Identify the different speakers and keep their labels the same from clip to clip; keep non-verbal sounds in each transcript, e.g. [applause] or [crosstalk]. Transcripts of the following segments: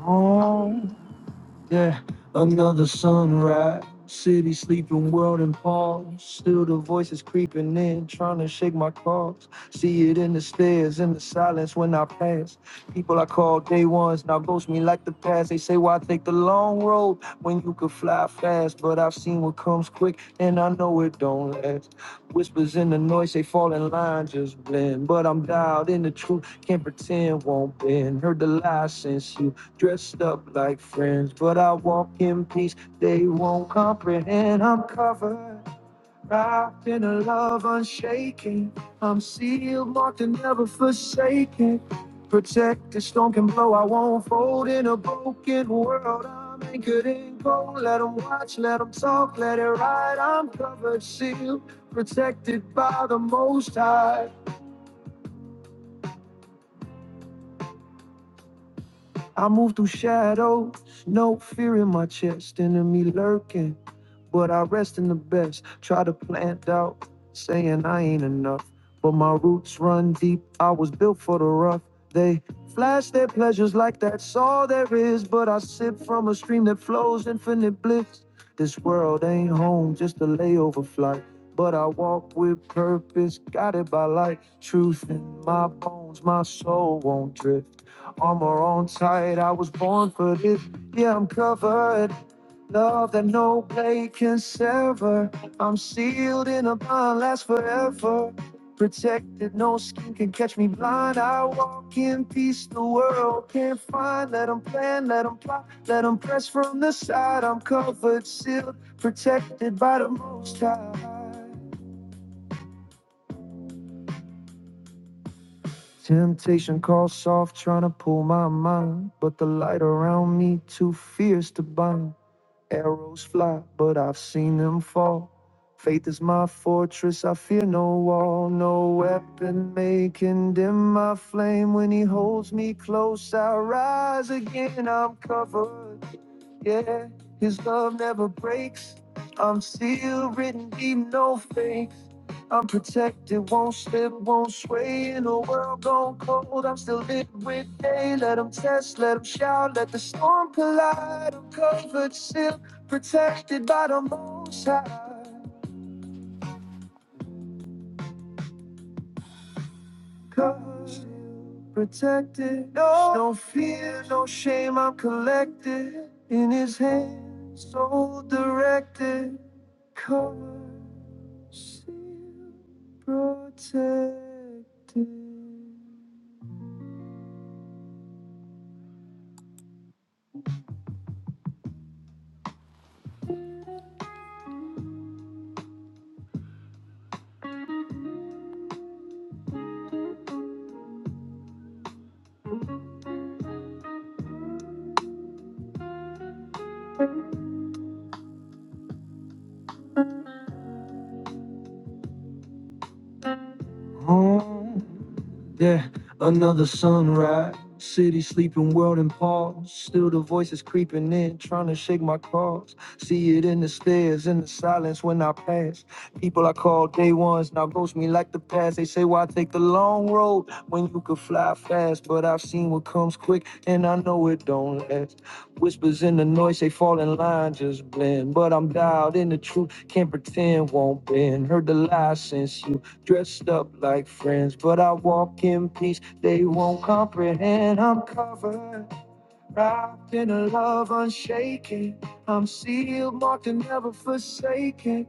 Speaker 1: home. Yeah, another sunrise. City sleeping, world in pause. Still the voices creeping in, trying to shake my calls. See it in the stairs, in the silence when I pass. People I call day ones now ghost me like the past. They say, Why take the long road when you could fly fast? But I've seen what comes quick, and I know it don't last. Whispers in the noise, they fall in line, just blend. But I'm dialed in the truth, can't pretend won't bend. Heard the lies since you. Dressed up like friends, but I walk in peace. They won't comprehend. I'm covered, wrapped in a love unshaken. I'm sealed, marked, and never forsaken. Protect the storm can blow. I won't fold in a broken world. I'm anchored in gold. Let them watch, let them talk, let it ride. I'm covered, sealed, protected by the Most High. I move through shadows, no fear in my chest. Enemy lurking. But I rest in the best. Try to plant doubt, saying I ain't enough. But my roots run deep. I was built for the rough. They flash their pleasures like that's all there is. But I sip from a stream that flows infinite bliss. This world ain't home, just a layover flight. But I walk with purpose, guided by light. Truth in my bones, my soul won't drift. Armor on tight, I was born for this. Yeah, I'm covered. Love that no blade can sever. I'm sealed in a bond, lasts forever. Protected, no skin can catch me blind. I walk in peace, the world can't find. Let 'em plan, let 'em plot, let 'em press from the side. I'm covered, sealed, protected by the Most High. Temptation calls soft, trying to pull my mind. But the light around me, too fierce to bind. Arrows fly, but I've seen them fall. Faith is my fortress, I fear no wall. No weapon may condemn my flame. When he holds me close, I rise again. I'm covered. Yeah, his love never breaks. I'm sealed, written deep, no fakes. I'm protected, won't slip, won't sway. In a world gone cold, I'm still lit with day. Let them test, let them shout, let the storm collide. I'm covered, sealed Protected by the most high. Cause protected. No, no fear, no shame. I'm collected in his hand. So directed. Covered, sealed, protected. Home, yeah, another sunrise. City sleeping, world in pause. Still the voices creeping in, trying to shake my claws. See it in the stairs, in the silence when I pass. People I call day ones now ghost me like the past. They say, Why take the long road when you could fly fast? But I've seen what comes quick, and I know it don't last. Whispers in the noise, they fall in line, just blend. But I'm dialed in the truth, can't pretend won't bend. Heard the lies since you. Dressed up like friends, but I walk in peace. They won't comprehend. I'm covered, wrapped in a love unshaken. I'm sealed, marked, and never forsaken.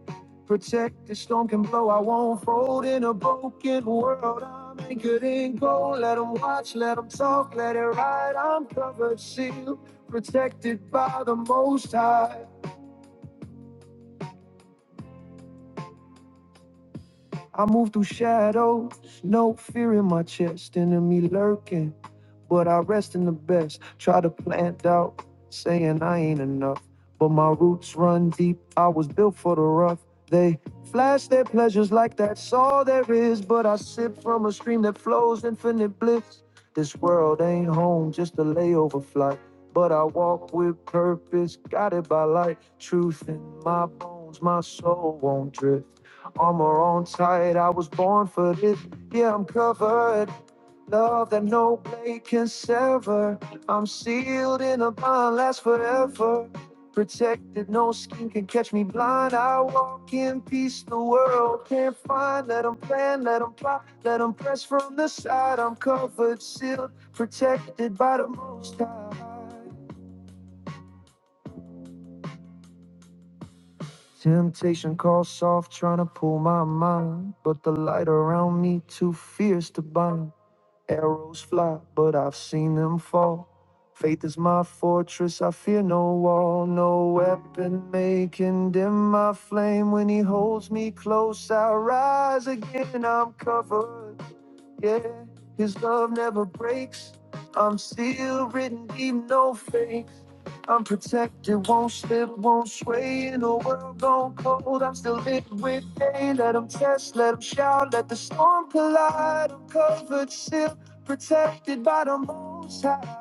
Speaker 1: Protect the storm can blow. I won't fold in a broken world. I'm anchored in gold. Let 'em watch, let 'em talk, let it ride. I'm covered, sealed, protected by the Most High. I move through shadows, no fear in my chest. Enemy lurking. but I rest in the best. Try to plant doubt, saying I ain't enough. But my roots run deep, I was built for the rough. They flash their pleasures like that's all there is, but I sip from a stream that flows infinite bliss. This world ain't home, just a layover flight. But I walk with purpose, guided by light. Truth in my bones, my soul won't drift. Armor on tight, I was born for this. Yeah, I'm covered. Love that no blade can sever. I'm sealed in a bond, lasts forever. Protected, no skin can catch me blind. I walk in peace, the world can't find. Let them plan, let them plot, let them press from the side. I'm covered, sealed, protected by the most high. Temptation calls soft, trying to pull my mind. But the light around me too fierce to bind. Arrows fly, but I've seen them fall. Faith is my fortress, I fear no wall. No weapon may condemn my flame. When he holds me close, I rise again. I'm covered. Yeah, his love never breaks. I'm still written deep, no fake. I'm protected, won't slip, won't sway in a world gone cold. I'm still lit with day. Let Let 'em test, let let 'em shout, let the storm collide. I'm covered, still protected by the most high.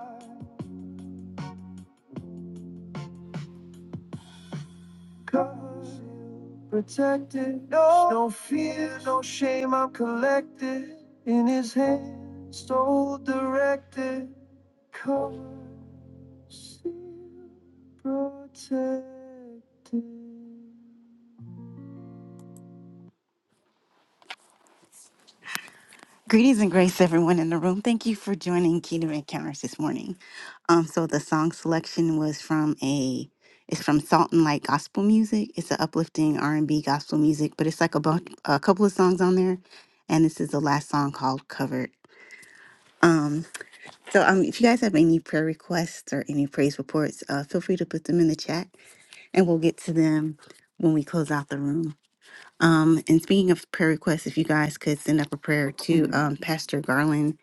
Speaker 1: Cause protected, no, no fear, no shame. I'm collected in his hand, so directed, covered, sealed, protected. Greetings and grace, everyone in the room. Thank you for joining Kingdom Encounters this morning. Um, so the song selection was from a, it's from Salt and Light Gospel Music. It's an uplifting R and B gospel music, but it's like a bunch, a couple of songs on there, and this is the last song called "Covered." Um, so um, if you guys have any prayer requests or any praise reports, uh, feel free to put them in the chat, and we'll get to them when we close out the room. Um, and speaking of prayer requests, if you guys could send up a prayer to um, Pastor Garland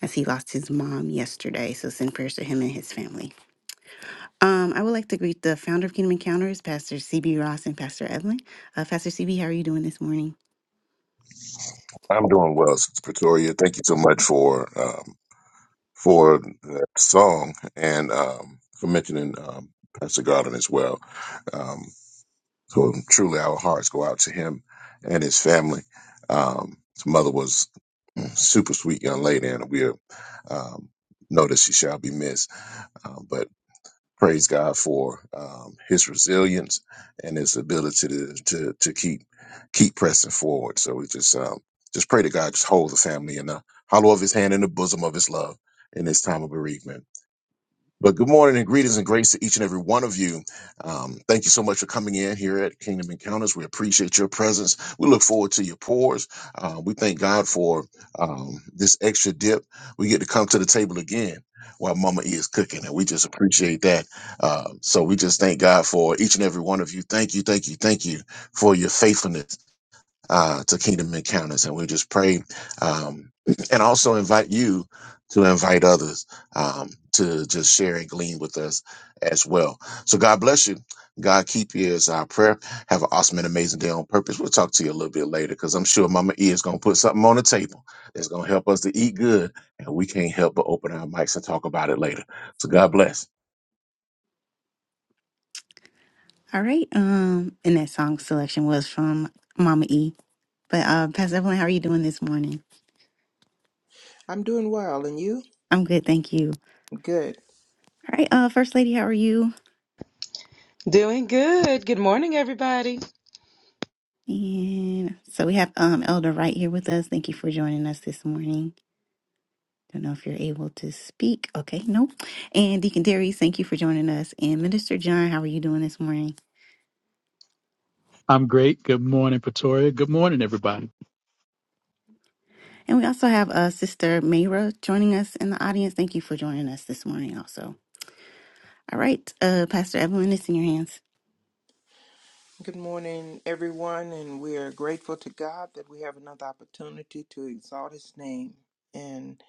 Speaker 1: as he lost his mom yesterday. So send prayers to him and his family. Um, I would like to greet the founder of Kingdom Encounters, Pastor CB Ross and Pastor Evelyn. Uh, Pastor CB, how are you doing this morning? All right. Um, and that song selection was from Mama E. But uh, Pastor Evelyn, how are you doing this morning?
Speaker 2: I'm doing well, and you?
Speaker 1: I'm good, thank you.
Speaker 2: Good.
Speaker 1: All right, uh, First Lady, how are you?
Speaker 3: Doing good. Good morning, everybody.
Speaker 1: And so we have um Elder Wright here with us. Thank you for joining us this morning. Don't know if you're able to speak. Okay, no. And Deacon Darius, thank you for joining us. And Minister John, how are you doing this morning?
Speaker 4: I'm great. Good morning, Pretoria. Good morning, everybody.
Speaker 1: And we also have uh Sister Mayra joining us in the audience. Thank you for joining us this morning also. All right, uh Pastor Evelyn, it's in your hands.
Speaker 2: Good morning, everyone, and we are grateful to God that we have another opportunity to exalt His name. And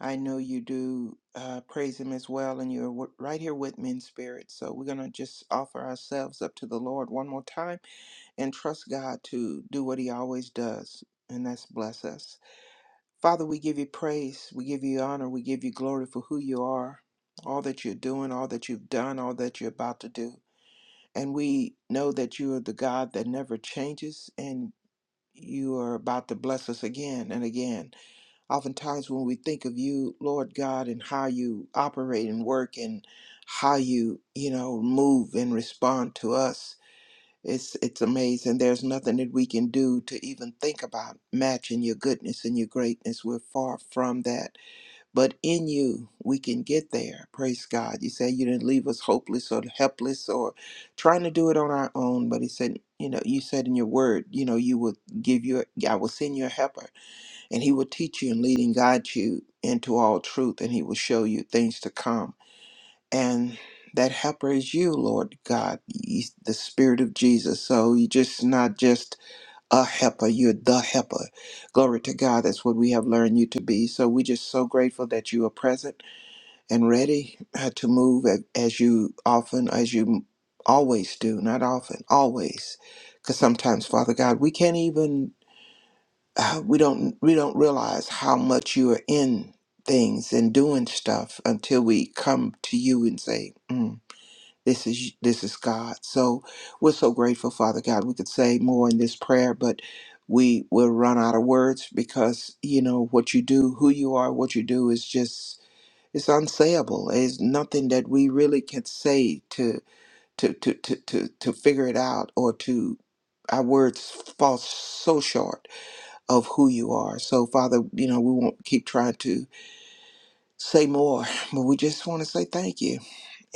Speaker 2: I know you do uh, praise Him as well, and you're w- right here with me in spirit. So we're going to just offer ourselves up to the Lord one more time and trust God to do what He always does, and that's bless us. Father, we give you praise, we give you honor, we give you glory for who you are, all that you're doing, all that you've done, all that you're about to do. And we know that you are the God that never changes and you are about to bless us again and again. Oftentimes, when we think of you, Lord God, and how you operate and work and how you, you know, move and respond to us, it's, it's amazing. There's nothing that we can do to even think about matching your goodness and your greatness. We're far from that. But in you, we can get there. Praise God. You say you didn't leave us hopeless or helpless or trying to do it on our own. But He said, you know, you said in your word, you know, you will give your, I will send you a helper and He will teach you and lead and guide you into all truth and He will show you things to come. And that helper is you, Lord God, He's the Spirit of Jesus. So you're just not just a helper, you're the helper. Glory to God. That's what we have learned you to be. So we're just so grateful that you are present and ready uh, to move a- as you often, as you always do, not often, always. Because sometimes, Father God, we can't even, uh, we don't, we don't realize how much you are in things and doing stuff until we come to you and say, mm, "This is this is God." So we're so grateful, Father God. We could say more in this prayer, but we will run out of words because you know what you do, who you are, what you do is just it's unsayable. It's nothing that we really can say to to to to to, to figure it out or to our words fall so short of who you are. So Father, you know, we won't keep trying to say more, [laughs] but we just want to say thank you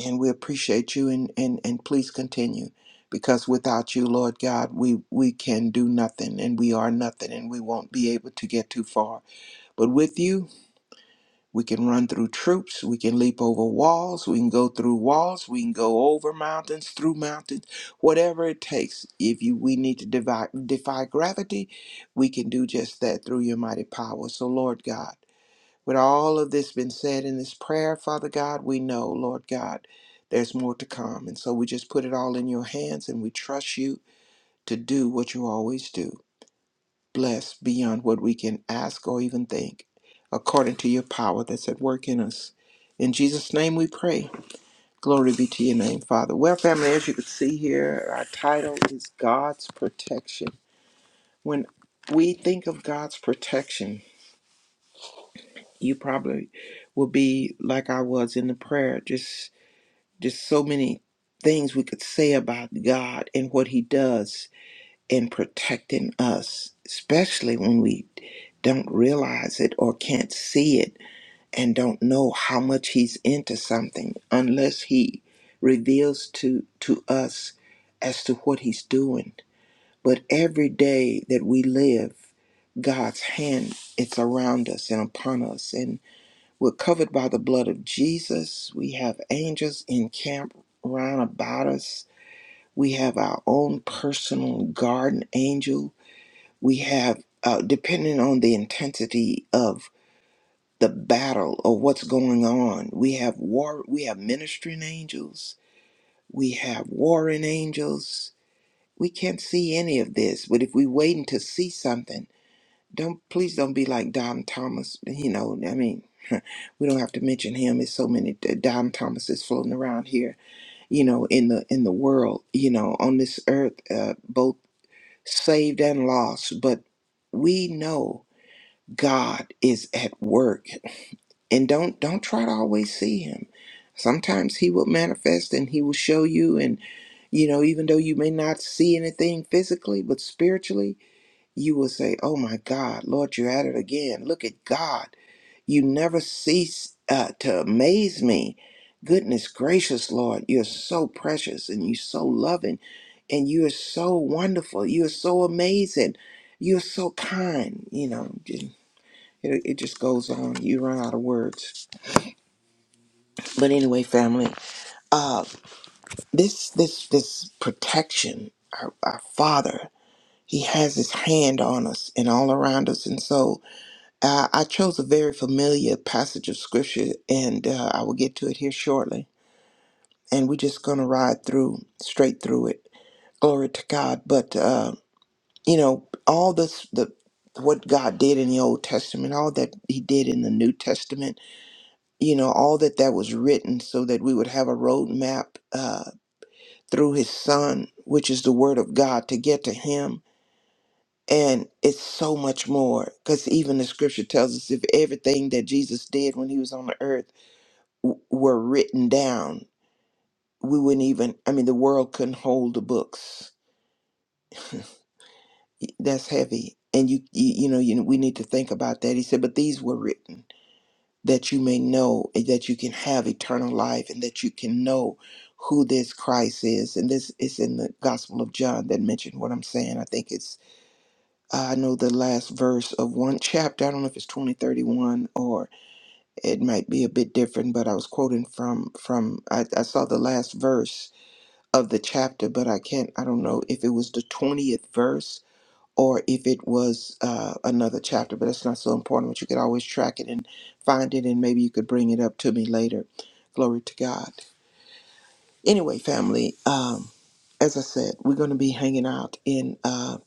Speaker 2: and we appreciate you and and, and please continue. Because without you, Lord God, we, we can do nothing and we are nothing and we won't be able to get too far. But with you, we can run through troops. We can leap over walls. We can go through walls. We can go over mountains, through mountains, whatever it takes. If you, we need to defy, defy gravity, we can do just that through your mighty power. So, Lord God, with all of this been said in this prayer, Father God, we know, Lord God, there's more to come. And so we just put it all in your hands and we trust you to do what you always do blessed beyond what we can ask or even think, according to your power that's at work in us. In Jesus' name we pray. Glory be to your name, Father. Well, family, as you can see here, our title is God's Protection. When we think of God's protection, you probably will be like I was in the prayer, just just so many things we could say about God and what he does in protecting us, especially when we don't realize it or can't see it and don't know how much he's into something unless he reveals to to us as to what he's doing. But every day that we live, God's hand it's around us and upon us and we're covered by the blood of Jesus. We have angels in camp round about us. We have our own personal guardian angel we have uh, depending on the intensity of the battle or what's going on we have war we have ministering angels we have warring angels we can't see any of this but if we waiting to see something don't please don't be like dom thomas you know i mean we don't have to mention him there's so many D- dom thomases floating around here you know in the in the world you know on this earth uh, both saved and lost but we know God is at work. And don't don't try to always see him. Sometimes he will manifest and he will show you and you know, even though you may not see anything physically, but spiritually, you will say, Oh my God, Lord, you're at it again. Look at God. You never cease uh, to amaze me. Goodness gracious, Lord, you're so precious and you're so loving and you're so wonderful. You're so amazing. You're so kind, you know. It, it just goes on. You run out of words. But anyway, family, uh, this this this protection, our, our Father, He has His hand on us and all around us. And so uh, I chose a very familiar passage of Scripture, and uh, I will get to it here shortly. And we're just going to ride through, straight through it. Glory to God. But uh, you know, all this the what God did in the Old Testament, all that He did in the New Testament you know, all that that was written so that we would have a roadmap uh, through his son, which is the word of God, to get to him. And it's so much more because even the scripture tells us if everything that Jesus did when he was on the earth w- were written down, we wouldn't even, I mean, the world couldn't hold the books. That's heavy. And you, you, you know, you, we need to think about that. He said, but these were written. that you may know and that you can have eternal life and that you can know who this Christ is. And this is in the Gospel of John that mentioned what I'm saying. I think it's, I know the last verse of one chapter. I don't know if it's 2031 or it might be a bit different, but I was quoting from, from I, I saw the last verse of the chapter, but I can't, I don't know if it was the 20th verse or if it was uh, another chapter, but that's not so important. But you could always track it and find it, and maybe you could bring it up to me later. Glory to God. Anyway, family, um, as I said, we're going to be hanging out in uh,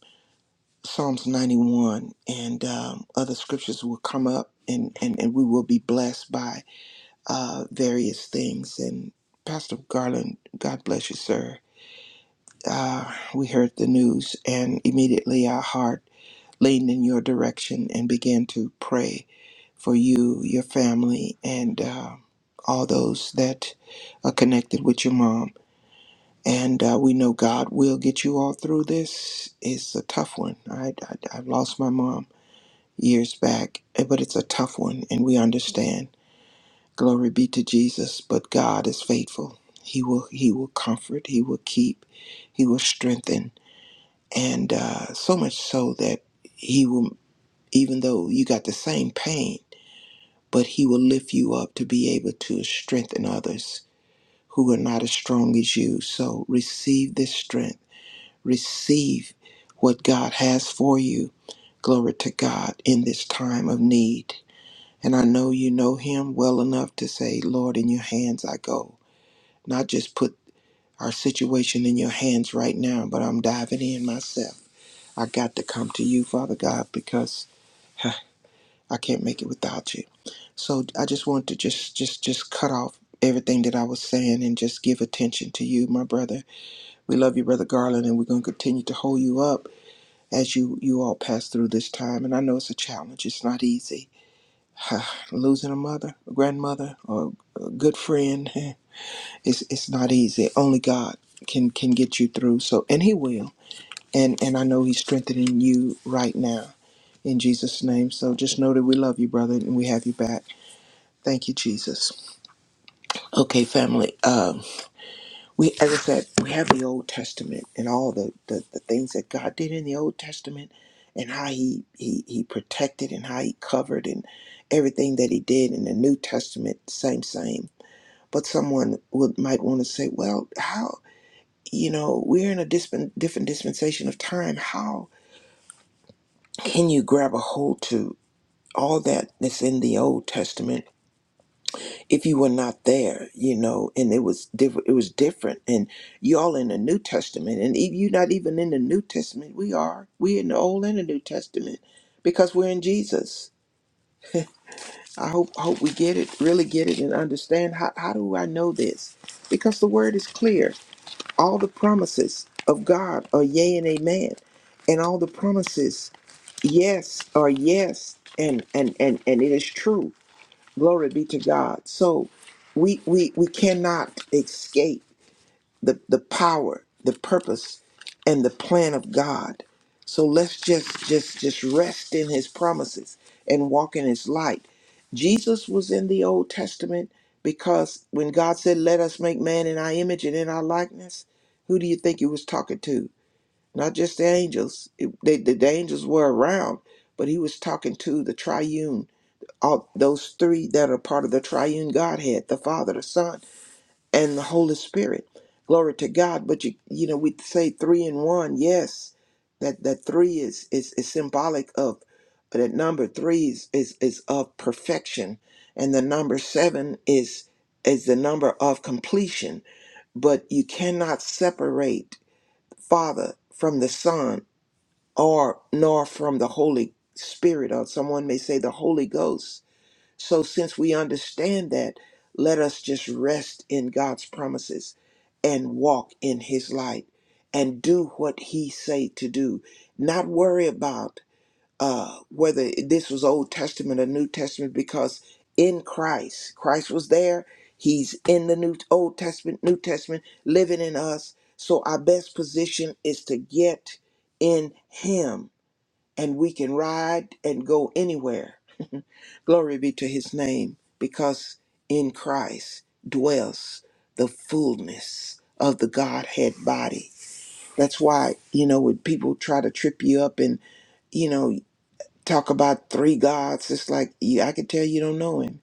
Speaker 2: Psalms 91, and um, other scriptures will come up, and, and, and we will be blessed by uh, various things. And Pastor Garland, God bless you, sir. Uh, we heard the news, and immediately our heart leaned in your direction and began to pray for you, your family, and uh, all those that are connected with your mom. And uh, we know God will get you all through this. It's a tough one. I, I, I lost my mom years back, eh, but it's a tough one, and we understand. Glory be to Jesus. But God is faithful. He will He will comfort. He will keep. He will strengthen, and uh, so much so that. He will even though you got the same pain, but He will lift you up to be able to strengthen others who are not as strong as you. So receive this strength, receive what God has for you. Glory to God in this time of need. And I know you know Him well enough to say, Lord, in your hands I go. Not just put our situation in your hands right now, but I'm diving in myself. I got to come to you, Father God, because [laughs] I can't make it without you. So I just want to just just just cut off everything that I was saying and just give attention to you, my brother. We love you, brother Garland, and we're going to continue to hold you up as you you all pass through this time. And I know it's a challenge. It's not easy. [sighs] Losing a mother, a grandmother, or a good friend, [laughs] it's it's not easy. Only God can can get you through. So and He will. And and I know He's strengthening you right now in Jesus' name. So just know that we love you, brother, and we have you back. Thank you, Jesus. Okay, family. Um, we, as I said, we have the Old Testament and all the, the the things that God did in the Old Testament, and how he he he protected and how he covered and everything that he did in the New Testament. Same, same. But someone would might want to say, well, how? You know, we're in a disp- different dispensation of time. How can you grab a hold to all that that's in the Old Testament if you were not there, you know, and it was different. It was different, and y'all in the New Testament, and if you're not even in the New Testament, we are. We in the Old and the New Testament because we're in Jesus. I hope hope we get it, really get it, and understand how how do I know this? Because the Word is clear. All the promises of God are yea and amen, and all the promises yes are yes, and and and and it is true Glory be to God. So we we we cannot escape the, the power, the purpose, and the plan of God. So let's just just just rest in his promises and walk in his light. Jesus was in the Old Testament because when God said, Let us make man in our image and in our likeness, who do you think he was talking to? Not just the angels. It- they, the, the angels were around, but he was talking to the triune all those three that are part of the triune Godhead, the Father, the Son, and the Holy Spirit. Glory to God. But you you know, we say three in one, yes. That that three is is, is symbolic of that number three is, is is of perfection. And the number seven is is the number of completion. But you cannot separate Father from the Son or nor from the Holy Spirit, or someone may say the Holy Ghost so, since we understand that, let us just rest in God's promises and walk in His light and do what He say to do. Not worry about uh, whether this was Old Testament or New Testament, because in Christ, Christ was there. He's in the New Old Testament, New Testament, living in us. So our best position is to get in Him, and we can ride and go anywhere Glory be to his name, because in Christ dwells the fullness of the Godhead body. That's why, you know, when people try to trip you up and, you know, talk about three gods, it's like, you, I can tell you don't know him.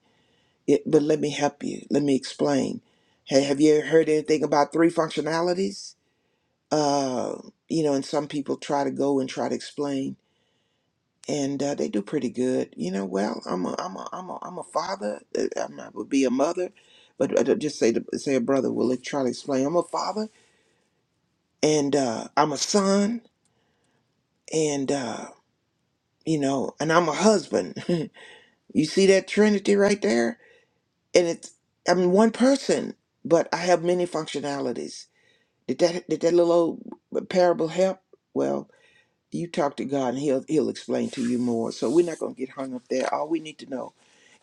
Speaker 2: It, but let me help you. Let me explain. Hey, have you ever heard anything about three functionalities? Uh, you know, and some people try to go and try to explain. and uh, they do pretty good. You know, well, I'm a, I'm a, I'm a, I'm a father. uh, I'm not would be a mother, but I don't- just say the, say a brother. Will try to explain? I'm a father, and uh, I'm a son, and uh, you know, and I'm a husband. [laughs] you see that Trinity right there? And it's I'm one person, but I have many functionalities. Did that did that little old uh, parable help? Well. You talk to God and He'll He'll explain to you more. So we're not gonna get hung up there. All we need to know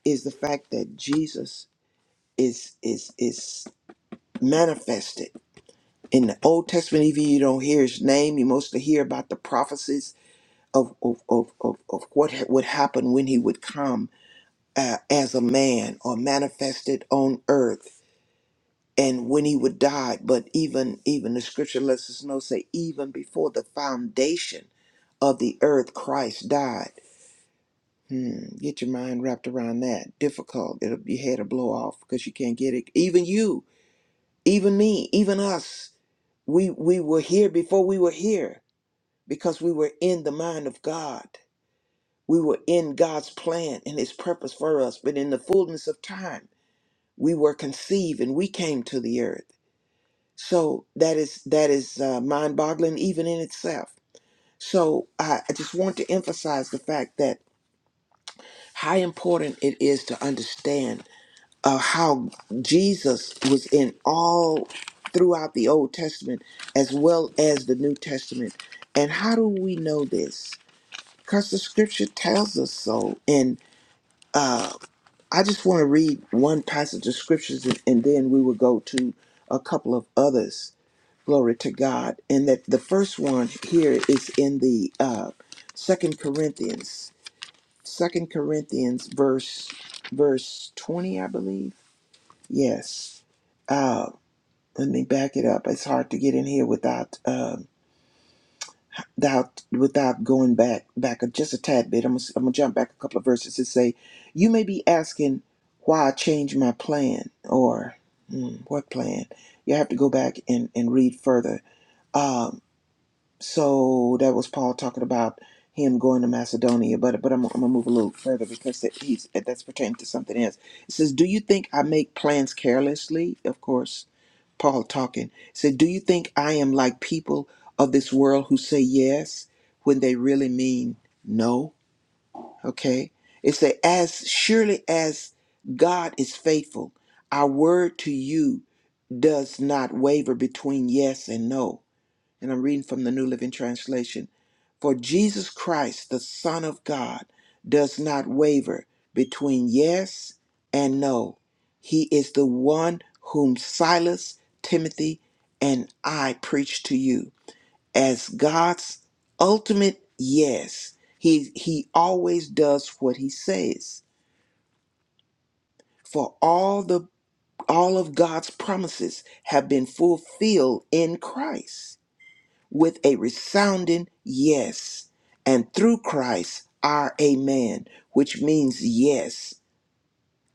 Speaker 2: is the fact that Jesus is is is manifested in the Old Testament. Even you don't hear his name; you mostly hear about the prophecies of of of of, of what ha- would happen when he would come uh, as a man or manifested on earth, and when he would die. But even even the Scripture lets us know, say, even before the foundation of the earth, Christ died. Hmm, get your mind wrapped around that. Difficult. It'll your head will blow off because you can't get it. Even you Even me, even us, we, we were here before we were here because we were in the mind of God. We were in God's plan and His purpose for us. But in the fullness of time, we were conceived and we came to the earth. So that is that is uh, mind-boggling even in itself. So I, I just want to emphasize the fact that how important it is to understand uh, how Jesus was in all throughout the Old Testament as well as the New Testament. And how do we know this? Because the scripture tells us so. And uh, I just want to read one passage of scriptures and, and then we will go to a couple of others. Glory to God. And that the first one here is in the uh, Second Corinthians, Second Corinthians verse verse 20, I believe Yes. Uh, let me back it up. It's hard to get in here without um without without going back back a- just a tad bit. I'm gonna, s- I'm gonna jump back a couple of verses and say, you may be asking why I changed my plan or hmm, what plan? You have to go back and and read further. Um, so that was Paul talking about him going to Macedonia, but but I'm, I'm gonna move a little further because that he's that's pertaining to something else. It says, "Do you think I make plans carelessly?" Of course, Paul talking, said, Do you think I am like people of this world who say yes when they really mean no? Okay. It say, As surely as God is faithful, our word to you does not waver between yes and no and I'm reading from the New Living Translation. For Jesus Christ, the Son of God, does not waver between yes and no. He is the one whom Silas, Timothy, and I preach to you as God's ultimate yes. He he always does what he says. For all the all of God's promises have been fulfilled in Christ. with a resounding yes, and through Christ our amen, which means yes,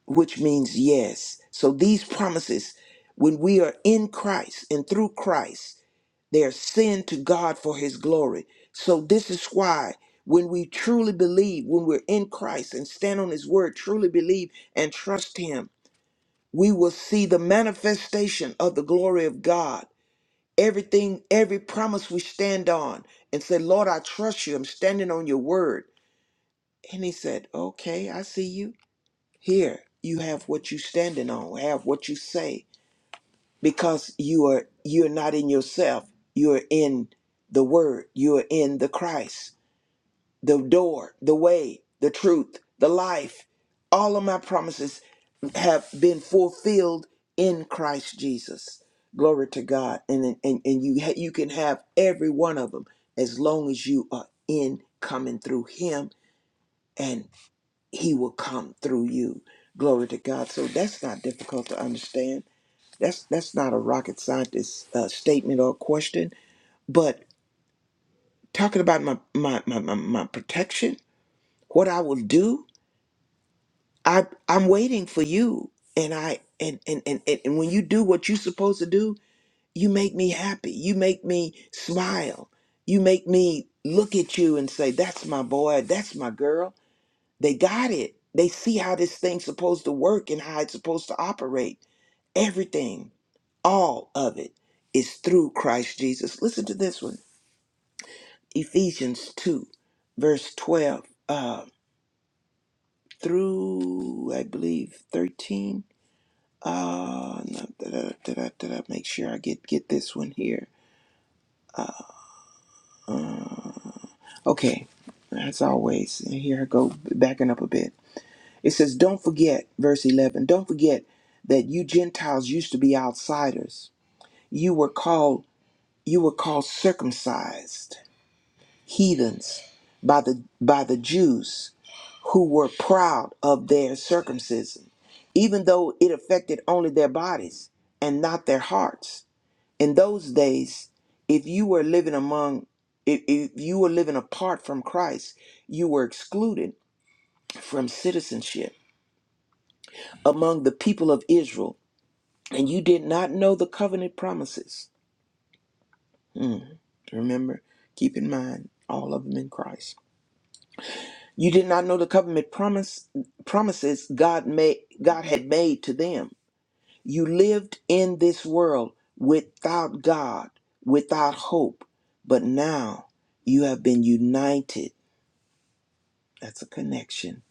Speaker 2: which means yes. So these promises, when we are in Christ and through Christ, they are sent to God for his glory. So this is why when we truly believe, when we're in Christ and stand on his word, truly believe and trust him, we will see the manifestation of the glory of God everything, every promise we stand on and say, Lord, I trust you. I'm standing on your word. And he said, Okay, I see you. Here, you have what you standing on, have what you say. Because you are you're not in yourself. You're in the word. You're in the Christ the door, the way, the truth, the life. All of my promises have been fulfilled in Christ Jesus. Glory to God. And and, and you ha- you can have every one of them as long as you are in coming through him and he will come through you. Glory to God. So that's not difficult to understand. That's that's not a rocket scientist uh, statement or question, but talking about my my, my my my protection, what I will do, I I'm waiting for you and I and and and and, and when you do what you're supposed to do, you make me happy. You make me smile. You make me look at you and say, "That's my boy. That's my girl." They got it. They see how this thing's supposed to work and how it's supposed to operate. Everything, all of it is through Christ Jesus. Listen to this one. Ephesians 2 verse 12 uh through I believe 13 Uh, no, did I, did I, did I make sure I get get this one here? Okay, as always, and here I go backing up a bit. It says, "Don't forget, verse eleven. Don't forget that you Gentiles used to be outsiders. You were called you were called circumcised heathens by the by the Jews who were proud of their circumcision, even though it affected only their bodies and not their hearts." in those days if you were living among if, if you were living apart from christ you were excluded from citizenship among the people of israel and you did not know the covenant promises Hmm. remember keep in mind all of them in christ you did not know the covenant promise promises god made god had made to them You lived in this world without God, without hope, but now you have been united. That's a connection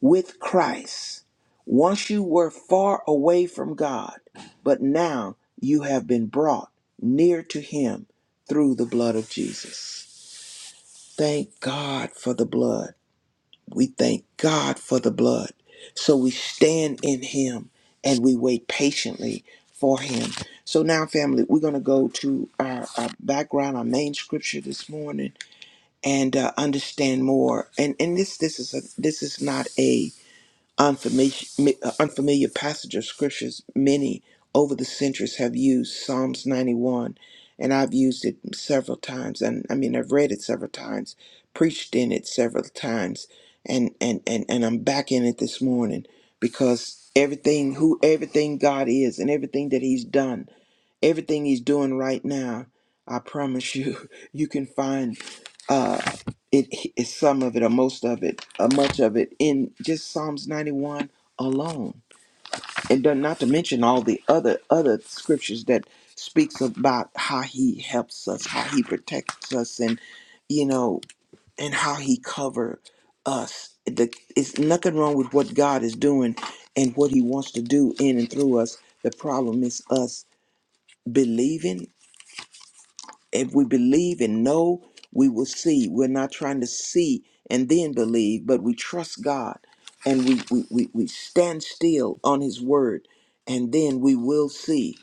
Speaker 2: with Christ. Once you were far away from God, but now you have been brought near to Him through the blood of Jesus. Thank God for the blood. We thank God for the blood. So we stand in Him and we wait patiently for Him. So now, family, we're going to go to our, our background, our main scripture this morning, and uh, understand more. And and this this is a this is not a Unfamiliar, unfamiliar passage of scriptures. Many over the centuries have used Psalms 91, and I've used it several times. And I mean, I've read it several times, preached in it several times, and and and and I'm back in it this morning because everything who everything God is and everything that He's done everything he's doing right now, I promise you, [laughs] you can find uh, it is some of it or most of it or much of it in just Psalms 91 alone, and then not to mention all the other other scriptures that speaks about how he helps us, how he protects us, and you know, and how he cover us. The, it's nothing wrong with what God is doing and what he wants to do in and through us. The problem is us believing if we believe and know, we will see. We're not trying to see and then believe, but we trust God and we, we, we, we stand still on His word, and then we will see.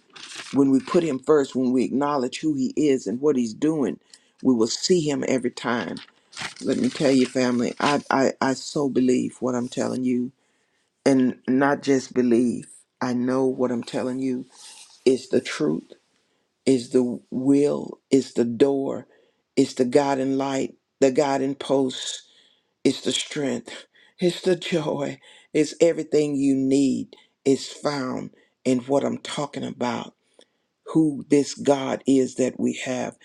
Speaker 2: When we put Him first, when we acknowledge who He is and what He's doing, we will see Him every time. Let me tell you, family, I, I, I so believe what I'm telling you, and not just believe. I know what I'm telling you is the truth is the will, is the door, is the guiding light, the guiding post, Is the strength, [laughs] it's the joy, it's everything you need is found in what I'm talking about, who this God is that we have.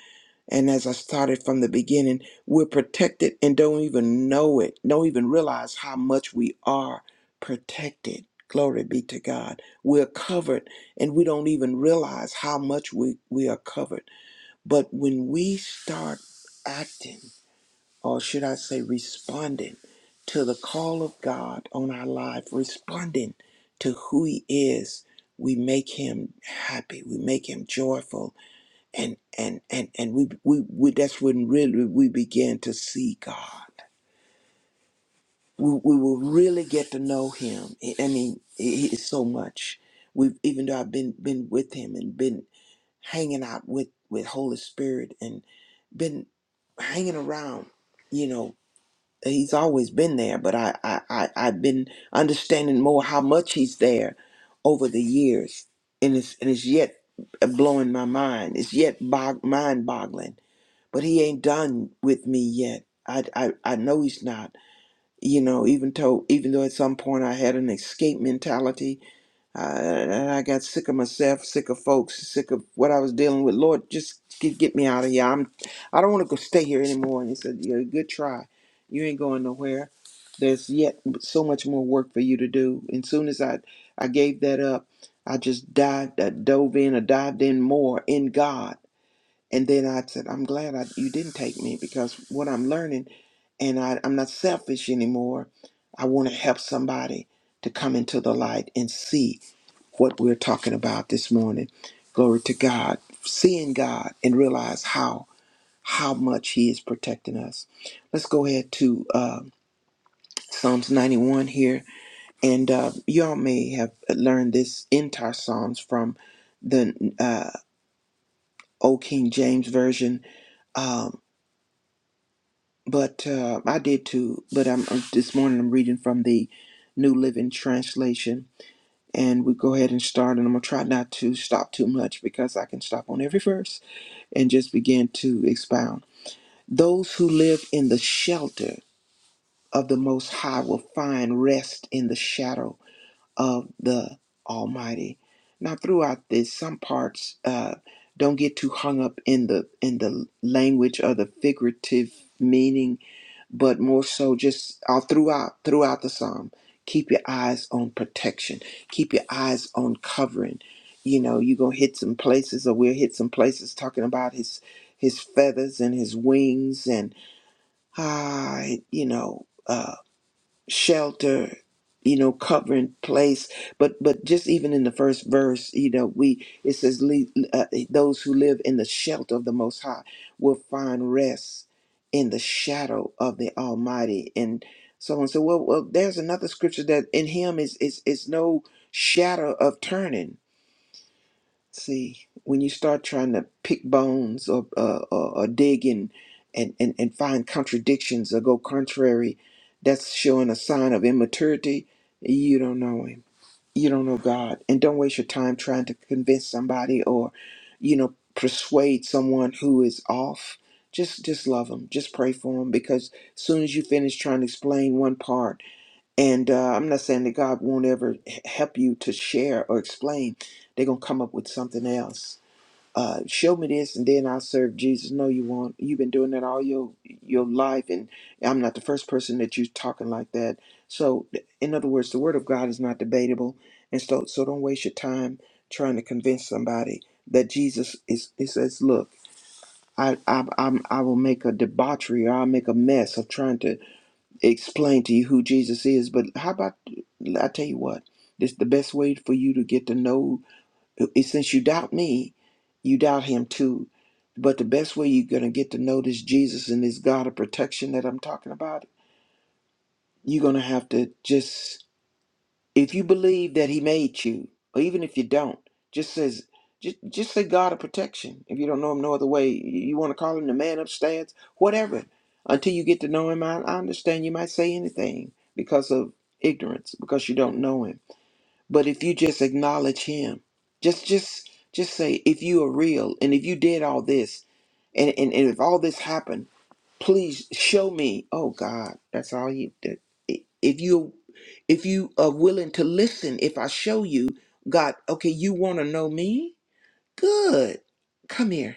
Speaker 2: And as I started from the beginning, we're protected and don't even know it, don't even realize how much we are protected. Glory be to God. We're covered and we don't even realize how much we, we are covered but when we start acting, or should I say responding to the call of God on our life, responding to who he is, we make him happy, we make him joyful, and and and and we we, we that's when really we begin to see God. We, we will really get to know him. I I mean, it is so much. We've even though I've been been with him and been hanging out with with Holy Spirit and been hanging around. You know, He's always been there, but I I, I I've been understanding more how much He's there over the years, and it's and it's yet blowing my mind. It's yet bog, mind boggling. But He ain't done with me yet. I, I I know He's not. You know, even though even though at some point I had an escape mentality uh, and I got sick of myself, sick of folks, sick of what I was dealing with. Lord, just get, get me out of here. I'm, I don't want to go stay here anymore. And He said, "Yeah, good try. You ain't going nowhere. There's yet so much more work for you to do." And soon as I, I gave that up, I just dived, I dove in, I dived in more in God and then I said, I'm glad I, you didn't take me because what I'm learning, and I, I'm not selfish anymore. I want to help somebody to come into the light and see what we're talking about this morning. Glory to God. Seeing God and realize how how much He is protecting us. Let's go ahead to uh, Psalms 91 here, and uh, y'all may have learned this entire Psalms from the uh, Old King James version. Um, but uh, I did too. But I'm uh, this morning. I'm reading from the New Living Translation, and we go ahead and start. And I'm gonna try not to stop too much because I can stop on every verse and just begin to expound. Those who live in the shelter of the Most High will find rest in the shadow of the Almighty. Now, throughout this, some parts uh, don't get too hung up in the in the language or the figurative meaning but more so just all throughout throughout the psalm keep your eyes on protection keep your eyes on covering you know you're gonna hit some places or we'll hit some places talking about his his feathers and his wings and ah you know uh, shelter you know covering place but but just even in the first verse you know we it says "Le- uh, those who live in the shelter of the most high will find rest in the shadow of the almighty and someone said well, well there's another scripture that in him is is is no shadow of turning See, when you start trying to pick bones or, uh, or, or dig and, and, and, and find contradictions or go contrary, that's showing a sign of immaturity. You don't know Him. You don't know God. And don't waste your time trying to convince somebody or, you know, persuade someone who is off. Just, just love them. Just pray for them because soon as you finish trying to explain one part, and uh, I'm not saying that God won't ever h- help you to share or explain. They're gonna come up with something else. Uh, show me this, and then I'll serve Jesus. No, you won't. You've been doing that all your your life, and I'm not the first person that you're talking like that. So, th- in other words, the Word of God is not debatable, and so so don't waste your time trying to convince somebody that Jesus is. It says, look. I, I, I'm, I will make a debauchery or I'll make a mess of trying to explain to you who Jesus is, but how about I tell you what? This the best way for you to get to know is since you doubt me, you doubt him too. But the best way you're gonna get to know this Jesus and this God of protection that I'm talking about, you're gonna have to just if you believe that He made you, or even if you don't, just says, just, just say God of protection. If you don't know Him no other way, you, want to call Him the man upstairs, whatever. Until you get to know Him, I, I understand you might say anything because of ignorance, because you don't know Him. But if you just acknowledge Him, just, just, just say, if you are real, and if you did all this, and, and, and if all this happened please show me oh god that's all you that- if you if you are willing to listen if i show you god okay you want to know me good come here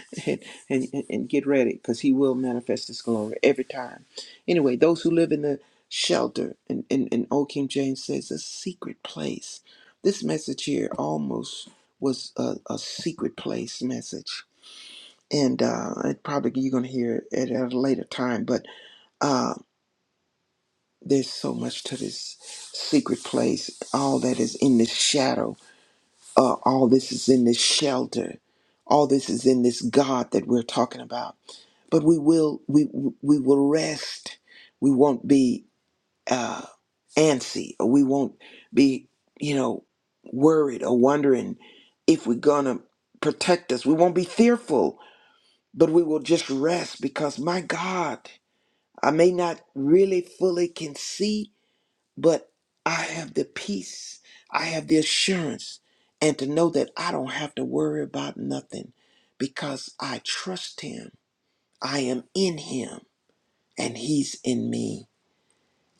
Speaker 2: [laughs] and, and and get ready because he will manifest his glory every time anyway those who live in the shelter and and, and old king james says a secret place this message here almost was a, a secret place message and uh, it probably you're going to hear it at a later time but um, there's so much to this secret place. All that is in this shadow. Uh, all this is in this shelter. All this is in this God that we're talking about. But we will we we will rest. We won't be uh, antsy, or we won't be you know worried or wondering if we're gonna protect us. We won't be fearful, but we will just rest because my God, I may not really fully conceive but I have the peace, I have the assurance, and to know that I don't have to worry about nothing because I trust Him. I am in Him, and He's in me,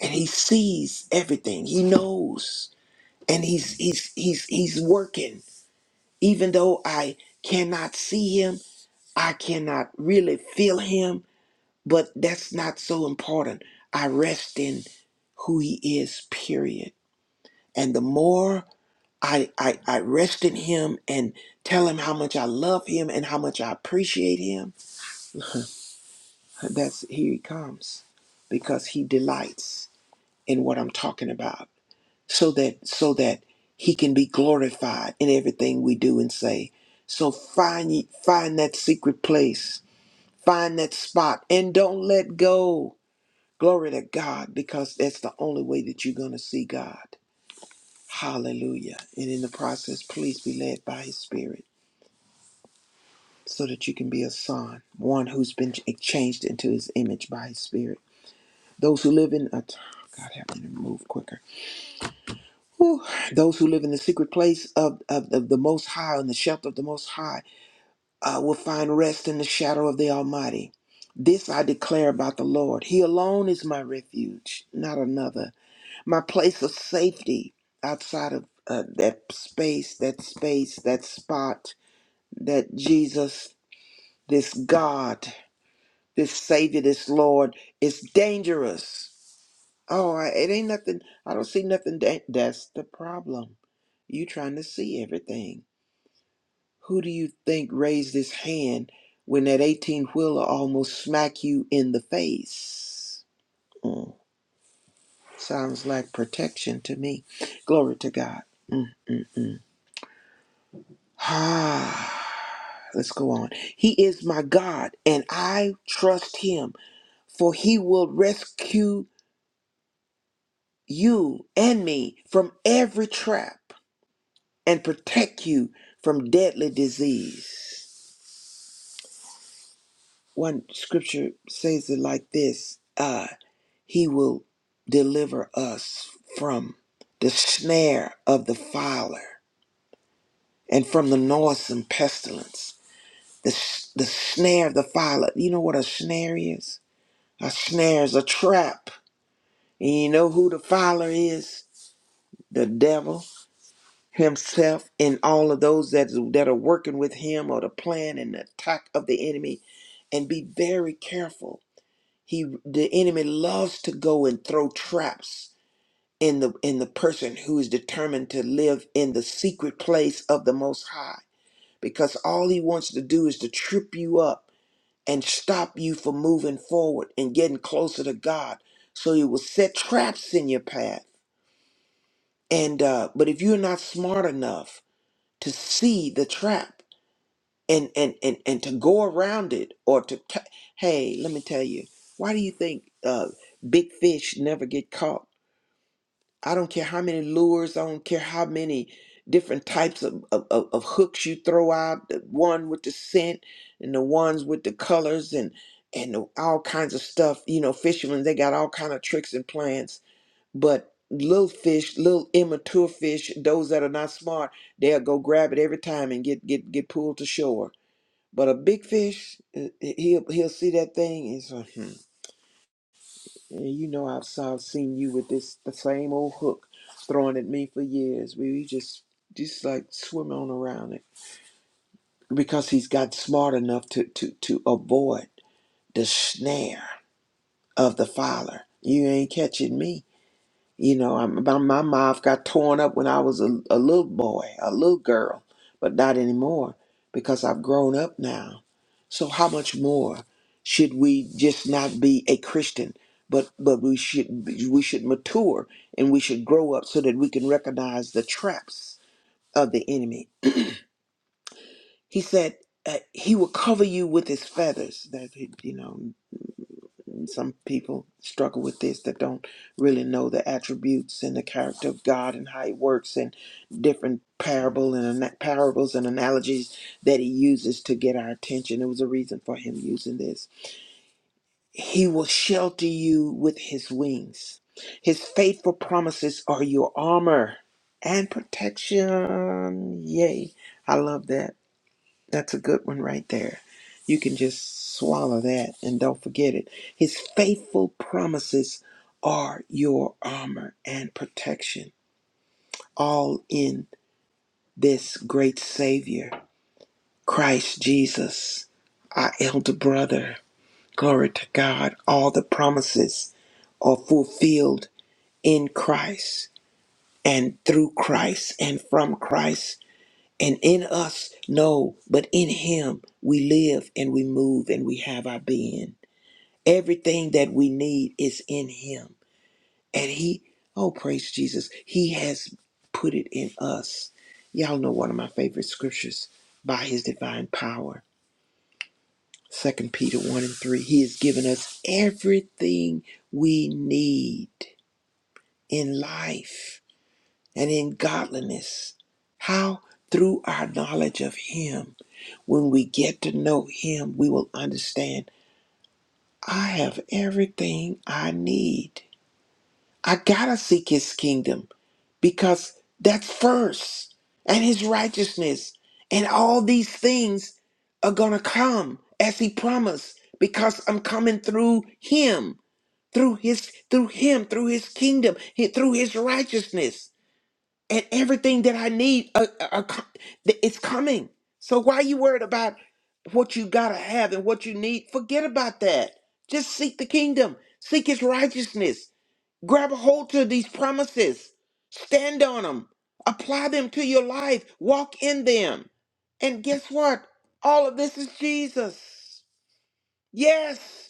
Speaker 2: and He sees everything. He knows, and He's He's He's He's working. Even though I cannot see Him, I cannot really feel Him, but that's not so important. I rest in who He is. Period. And the more I, I, I rest in him and tell him how much I love him and how much I appreciate him. That's here he comes because he delights in what I'm talking about so that so that he can be glorified in everything we do and say. So find ye- find that secret place, find that spot and don't let go. Glory to God because that's the only way that you're going to see God. Hallelujah. And in the process, please be led by his spirit. so that you can be a son, one who's been ch- changed into his image by his spirit. Those who live in a God help me to move quicker. Whew. Those who live in the secret place of, of, of the Most High, in the shelter of the Most High, uh, will find rest in the shadow of the Almighty. This I declare about the Lord. He alone is my refuge, not another. My place of safety outside of uh, that space, that space, that spot, that Jesus, this God. this Savior, this Lord, is dangerous. Oh, I, it ain't nothing. I don't see nothing. Da- that's the problem. You trying to see everything. Who do you think raised his hand when that 18 wheeler almost smack you in the face? Mm, sounds like protection to me. Glory to God. Mm, mm, mm. [sighs] Ah, let's go on. He is my God, and I trust him, for he will rescue you and me from every trap and protect you from deadly disease. One scripture says it like this uh, He will deliver us from the snare of the filer and from the noisome pestilence. The, s- the snare of the filer. You know what a snare is? A snare is a trap. And you know who the filer is? The devil. himself and all of those that that are working with him or the plan and the attack of the enemy and be very careful he the enemy loves to go and throw traps in the in the person who is determined to live in the secret place of the most high because all he wants to do is to trip you up and stop you from moving forward and getting closer to god so he will set traps in your path and uh but if you're not smart enough to see the trap and and and and to go around it or to t- hey let me tell you why do you think uh big fish never get caught i don't care how many lures i don't care how many different types of, of, of of hooks you throw out the one with the scent and the ones with the colors and and all kinds of stuff you know fishermen they got all kind of tricks and plans but little fish little immature fish those that are not smart they'll go grab it every time and get get get pulled to shore but a big fish, uh, he'll he'll see that thing and so, hmm. And you know I've saw, seen you with this the same old hook throwing at me for years. We, we just just like swimming on around it because he's got smart enough to to to avoid the snare of the fowler. You ain't catching me. You know, I'm, my, my mouth got torn up when I was a, a little boy, a little girl, but not anymore because I've grown up now. So how much more should we just not be a Christian, but but we should be- we should mature and we should grow up so that we can recognize the traps of the enemy. He said uh, he will cover you with his feathers. That you know, and some people struggle with this that don't really know the attributes and the character of God and how He works and different parable and ana- parables and analogies that He uses to get our attention. It was a reason for Him using this. He will shelter you with His wings. His faithful promises are your armor and protection. Yay! I love that. That's a good one right there. You can just swallow that and don't forget it. His faithful promises are your armor and protection, all in this great Savior, Christ Jesus, our elder brother. Glory to God. All the promises are fulfilled in Christ and through Christ and from Christ And in us, no, but in Him we live and we move and we have our being. Everything that we need is in Him. And He, oh, praise Jesus, He has put it in us. Y'all know one of my favorite scriptures by His divine power. Second Peter 1 and 3. He has given us everything we need in life and in godliness. How? Through our knowledge of Him When we get to know Him, we will understand I have everything I need. I gotta seek His kingdom because that's first and His righteousness. And all these things are gonna come as He promised because I'm coming through Him, through His, through Him, through His kingdom, He- through His righteousness and everything that I need, uh, uh, uh, co- th- it's coming. So why are you worried about what you gotta have and what you need? Forget about that. Just seek the kingdom, seek His righteousness. Grab a hold to these promises, stand on them, apply them to your life, walk in them, and guess what? All of this is Jesus. Yes.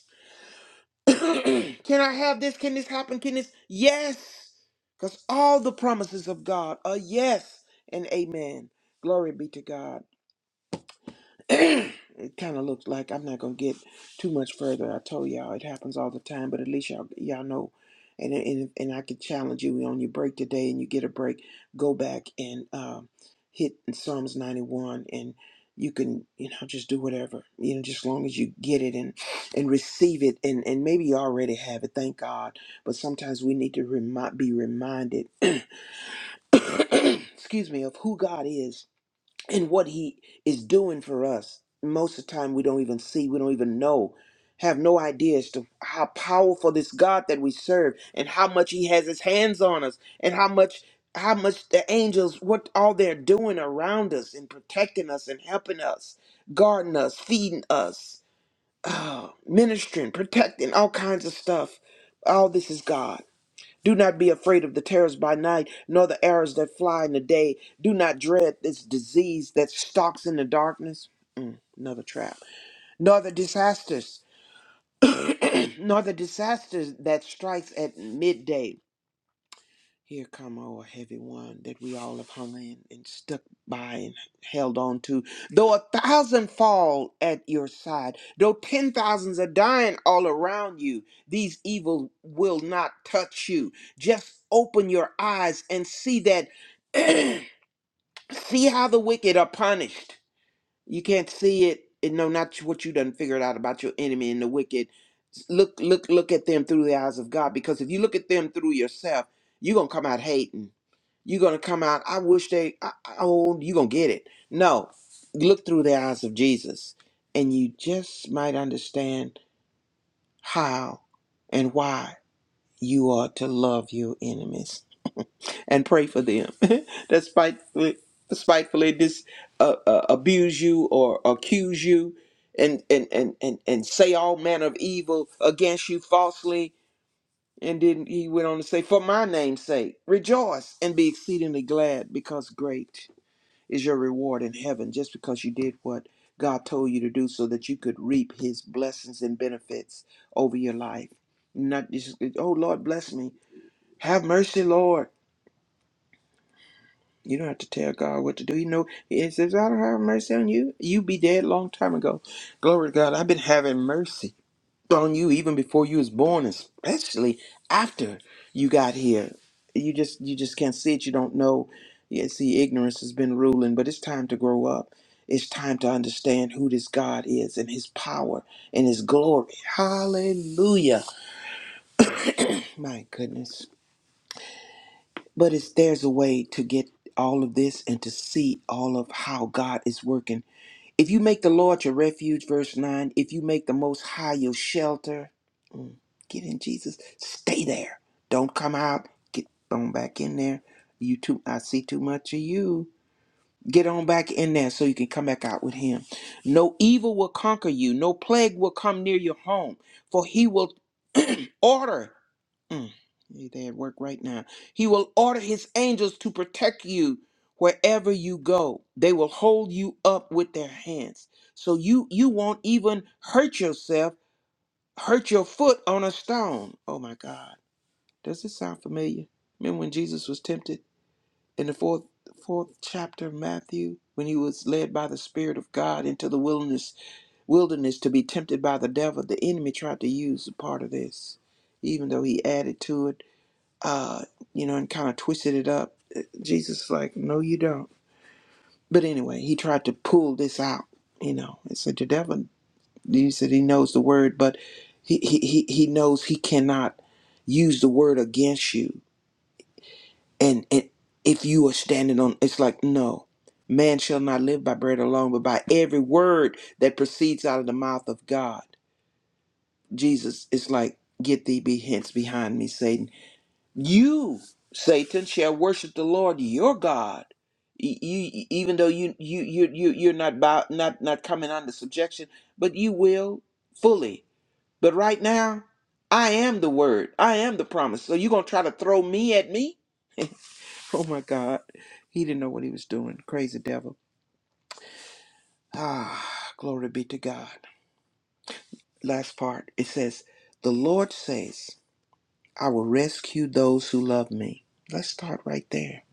Speaker 2: [clears throat] Can I have this? Can this happen? Can this? Yes. Because all the promises of God are yes and amen. Glory be to God. [clears throat] it kind of looks like I'm not gonna get too much further. I told y'all it happens all the time, but at least y'all y'all know. And and and I can challenge you on your break today, and you get a break. Go back and um, hit Psalms 91, and you can you know just do whatever you know, just as long as you get it and and receive it, and and maybe you already have it. Thank God. But sometimes we need to remi- be reminded, [coughs] [clears throat] excuse me, of who God is and what he is doing for us most of the time we don't even see we don't even know have no idea as to how powerful this god that we serve and how much he has his hands on us and how much how much the angels what all they're doing around us and protecting us and helping us guarding us feeding us [sighs] uh, ministering protecting all kinds of stuff all this is god do not be afraid of the terrors by night, nor the arrows that fly in the day. Do not dread this disease that stalks in the darkness. Mm, another trap. Nor the disasters, [clears throat] nor the disasters that strikes at midday here come, oh a heavy one, that we all have hung in and stuck by and held on to. Though a thousand fall at your side, though ten thousands are dying all around you, these evil will not touch you. Just open your eyes and see that, [clears throat] see how the wicked are punished you can't see it and know not what you done figured out about your enemy and the wicked. Look, look, look at them through the eyes of God. Because if you look at them through yourself, you're gonna come out hating. You're gonna come out. I wish they. I, I- oh, you're gonna get it. No, look through the eyes of Jesus, and you just might understand how and why you are to love your enemies and pray for them [laughs] that spitefully, spitefully dis, uh, uh, abuse you or accuse you and, and, and, and, and say all manner of evil against you falsely. And then he went on to say, For my name's sake, rejoice and be exceedingly glad because great is your reward in heaven just because you did what God told you to do so that you could reap his blessings and benefits over your life. Not just, oh Lord, bless me. Have mercy, Lord. You don't have to tell God what to do. You know, He says, I don't have mercy on you. You be dead long time ago. Glory to God. I've been having mercy on you even before you was born, especially after you got here. You just you just can't see it. You don't know. Yeah, see, ignorance has been ruling, but it's time to grow up. It's time to understand who this God is and his power and his glory. Hallelujah. My goodness. But it's there's a way to get all of this and to see all of how God is working. If you make the Lord your refuge, verse 9, if you make the Most High your shelter, mm, get in Jesus, stay there. Don't come out, get on back in there. You too, I see too much of you. Get on back in there so you can come back out with him. No evil will conquer you, no plague will come near your home, for he will [clears throat] order. Mm, you there at work right now. He will order his angels to protect you wherever you go. They will hold you up with their hands. So you you won't even hurt yourself, hurt your foot on a stone. Oh my God. Does this sound familiar? Remember when Jesus was tempted? in the fourth fourth chapter of Matthew, when he was led by the Spirit of God into the wilderness wilderness to be tempted by the devil, the enemy tried to use a part of this, even though he added to it, uh, you know, and kind of twisted it up. Uh, Jesus is like, no, you don't. But anyway, he tried to pull this out, you know, and said the devil. He said he knows the word, but he he he he knows he cannot use the word against you and and if you are standing on it's like no man shall not live by bread alone but by every word that proceeds out of the mouth of god jesus is like get thee be hence behind me satan you satan shall worship the lord your god Y- you even though you you you, you you're not bow, not not coming under subjection but you will fully but right now i am the word i am the promise so you're gonna try to throw me at me [laughs] Oh my God. He didn't know what he was doing. Crazy devil. Ah, glory be to God. Last part. It says, The Lord says, I will rescue those who love me. Let's start right there.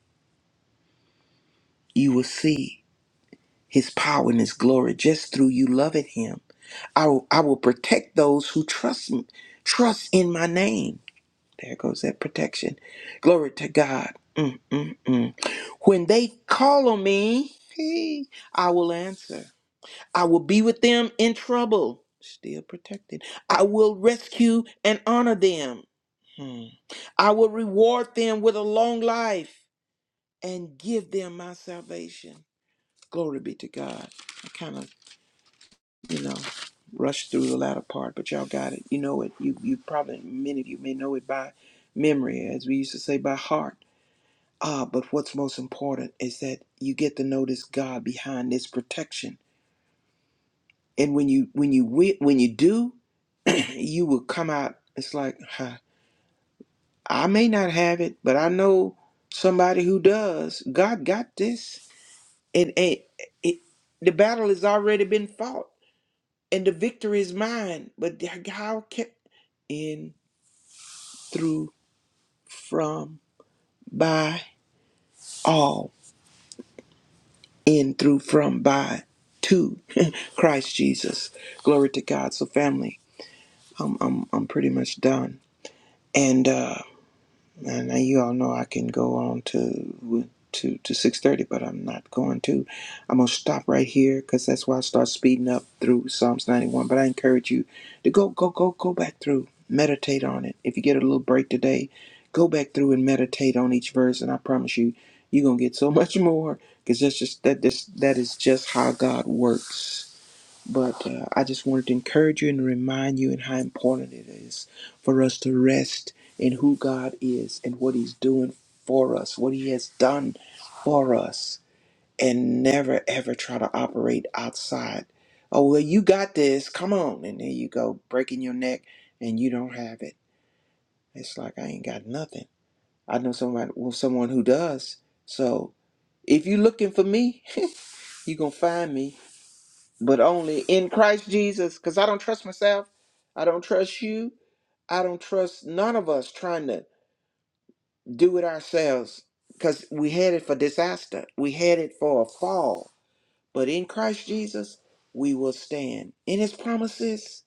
Speaker 2: You will see his power and his glory just through you loving him. I will, I will protect those who trust me, trust in my name. There goes that protection. Glory to God. Mm, mm, mm. When they call on me, [laughs] I will answer. I will be with them in trouble, still protected. I will rescue and honor them. Hmm. I will reward them with a long life and give them my salvation. Glory be to God. I kind of, you know, rushed through the latter part, but y'all got it. You know it. You you probably many of you may know it by memory, as we used to say by heart. Ah, but what's most important is that you get to notice God behind this protection. And when you when you wi- when you do, you would come out it's like huh, i may not have it but i know somebody who does god got this and, and it, the battle has already been fought and the victory is mine but how can in through from by all in through from by to [laughs] christ jesus glory to god so family i'm, I'm, I'm pretty much done and uh, Now, now you all know I can go on to to to six thirty, but I'm not going to. I'm gonna stop right here because that's why I start speeding up through Psalms ninety one. But I encourage you to go go go go back through, meditate on it. If you get a little break today, go back through and meditate on each verse, and I promise you, you're gonna get so [laughs] much more because that's just that this that is just how God works. But uh, I just wanted to encourage you and remind you and how important it is for us to rest in who God is and what He's doing for us, what He has done for us, and never ever try to operate outside. Oh, well, you got this. Come on. And there you go, breaking your neck and you don't have it. It's like, I ain't got nothing. I know somebody, well, someone who does. So if you're looking for me, [laughs] you're going to find me but only in Christ Jesus because I don't trust myself. I don't trust you. I don't trust none of us trying to do it ourselves because we headed for disaster. We headed for a fall. But in Christ Jesus, we will stand. In his promises,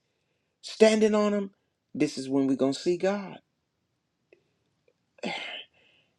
Speaker 2: standing on them, this is when we're going to see God.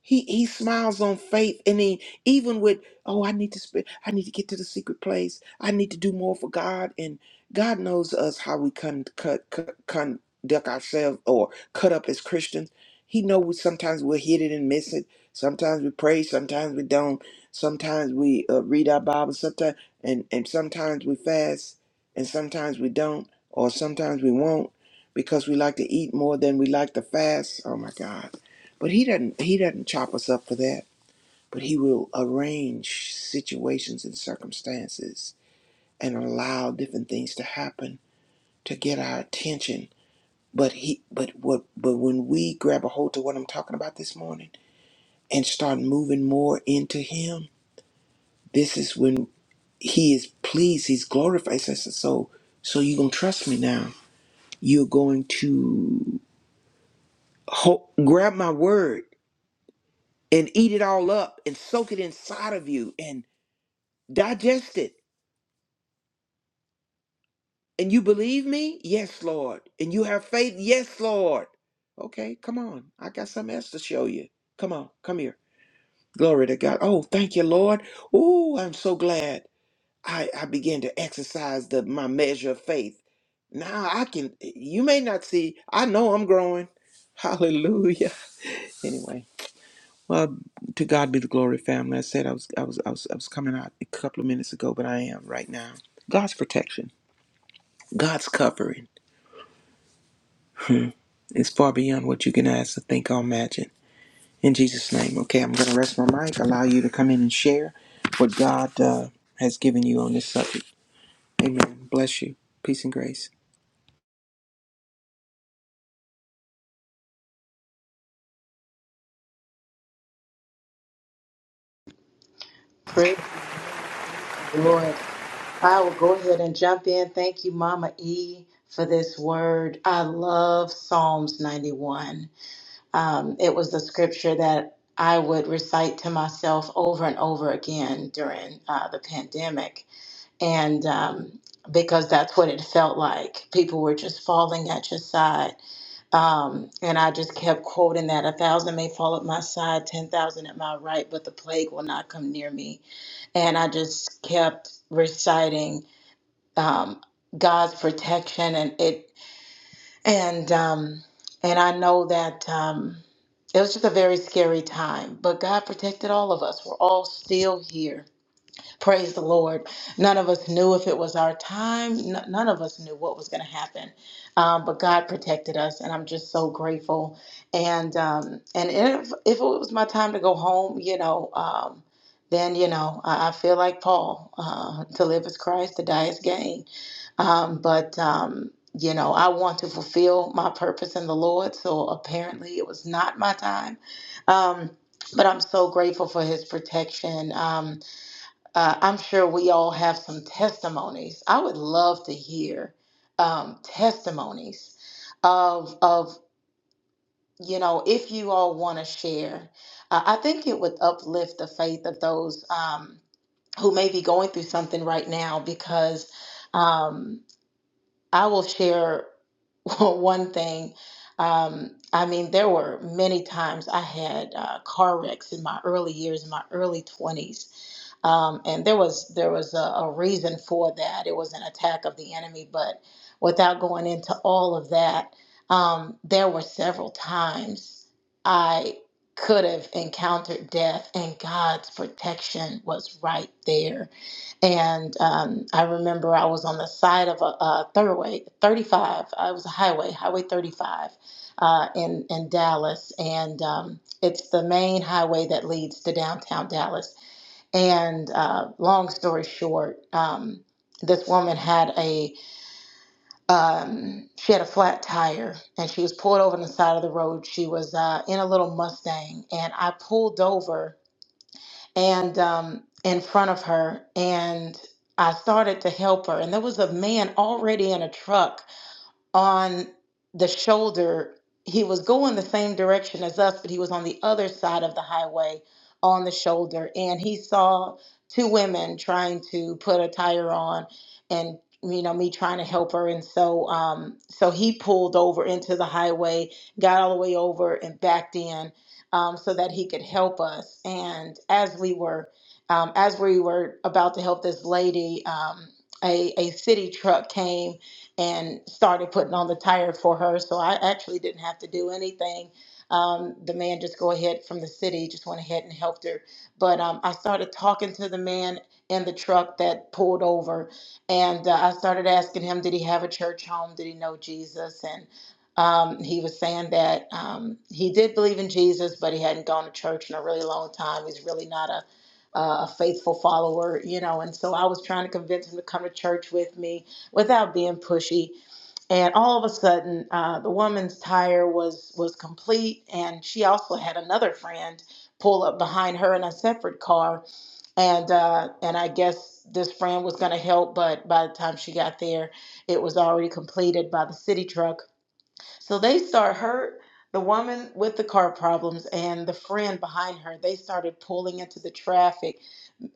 Speaker 2: He he smiles on faith, and he even with oh, I need to sp- I need to get to the secret place. I need to do more for God, and God knows us how we con- cut cut conduct ourselves or cut up as Christians. He knows we sometimes we'll hit it and miss it. Sometimes we pray, sometimes we don't. Sometimes we uh, read our Bible, sometimes and and sometimes we fast, and sometimes we don't, or sometimes we won't because we like to eat more than we like to fast. Oh my God but he doesn't he doesn't chop us up for that. But he will arrange situations and circumstances and allow different things to happen to get our attention. But he but what but when we grab a hold to what I'm talking about this morning and start moving more into him, this is when he is pleased, he's glorified. He says, So so you're gonna trust me now. You're going to ho- grab my word and eat it all up and soak it inside of you and. Digest it. And you believe me? Yes, Lord. And you have faith? Yes, Lord. Okay, come on. I got something else to show you. Come on, come here. Glory to God. Oh, thank you, Lord. Oh, I'm so glad I, I began to exercise the my measure of faith. Now I can you may not see, I know I'm growing. [laughs] Hallelujah. Anyway. Well, to God be the glory, family. I said I was I was I was I was coming out a couple of minutes ago, but I am right now. God's protection. God's covering. It's far beyond what you can ask or think or imagine. In Jesus' name, okay, I'm going to rest my mic, allow you to come in and share what God uh, has given you on this subject. Amen. Bless you. Peace and grace.
Speaker 3: Praise the Lord. I will go ahead and jump in. Thank you, Mama E, for this word. I love Psalms 91. Um, it was the scripture that I would recite to myself over and over again during uh, the pandemic. And um, because that's what it felt like. People were just falling at your side. Um, and I just kept quoting that a thousand may fall at my side, ten thousand at my right, but the plague will not come near me. And I just kept reciting um, God's protection, and it and um, and I know that um, it was just a very scary time, but God protected all of us. We're all still here Praise the Lord. None of us knew if it was our time. N- none of us knew what was going to happen, um, but God protected us, and I'm just so grateful. And um, and if if it was my time to go home, you know, um, then you know I, I feel like Paul. Uh, to live is Christ, to die is gain. Um, but um, you know, I want to fulfill my purpose in the Lord. So apparently, it was not my time. Um, but I'm so grateful for His protection. Um, uh, I'm sure we all have some testimonies. I would love to hear um, testimonies of of you know if you all want to share. Uh, I think it would uplift the faith of those um, who may be going through something right now because um, I will share. [laughs] one thing. Um, I mean, there were many times I had uh, car wrecks in my early years, in my early 20s. Um, and there was there was a, a reason for that. It was an attack of the enemy, but without going into all of that, um, there were several times I could have encountered death, and God's protection was right there and um, I remember I was on the side of a, a thoroughway, 35. Uh, It was a highway, Highway 35, uh, in in Dallas, and um, it's the main highway that leads to downtown Dallas. And uh, long story short, um, this woman had a um, she had a flat tire, and she was pulled over on the side of the road. She was uh, in a little Mustang, and I pulled over and um, in front of her and i started to help her and there was a man already in a truck on the shoulder. He was going the same direction as us, but he was on the other side of the highway on the shoulder. And he saw two women trying to put a tire on and you know me trying to help her and so um so he pulled over into the highway got all the way over and backed in um so that he could help us and as we were um as we were about to help this lady um a a city truck came and started putting on the tire for her. So I actually didn't have to do anything. Um, the man just go ahead from the city, just went ahead and helped her. But um, I started talking to the man in the truck that pulled over, and uh, I started asking him, did he have a church home? Did he know Jesus? And um, he was saying that um, he did believe in Jesus, but he hadn't gone to church in a really long time. He's really not a uh, a faithful follower, you know, and so I was trying to convince him to come to church with me without being pushy. And all of a sudden, uh, the woman's tire was was complete, and she also had another friend pull up behind her in a separate car. And uh, and I guess this friend was going to help, but by the time she got there, it was already completed by the city truck. So they start her. The woman with the car problems and the friend behind her, they started pulling into the traffic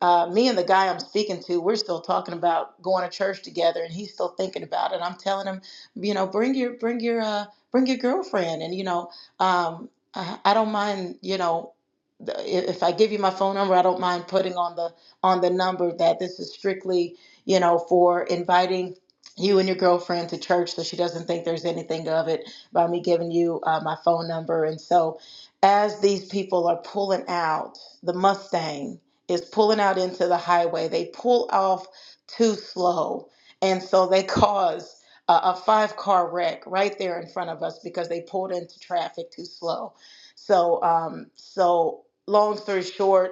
Speaker 3: uh, me and the guy I'm speaking to, we're still talking about going to church together, and he's still thinking about it. I'm telling him, you know, bring your bring your uh, bring your girlfriend, and you know, um, I, I don't mind, you know, the, i- if I give you my phone number, I don't mind putting on the on the number that this is strictly, you know, for inviting you and your girlfriend to church, so she doesn't think there's anything of it by me giving you uh, my phone number. And so, as these people are pulling out the Mustang is pulling out into the highway. They pull off too slow. And so they [laughs] cause a, a five car wreck right there in front of us because they pulled into traffic too slow. So, um, so long story short,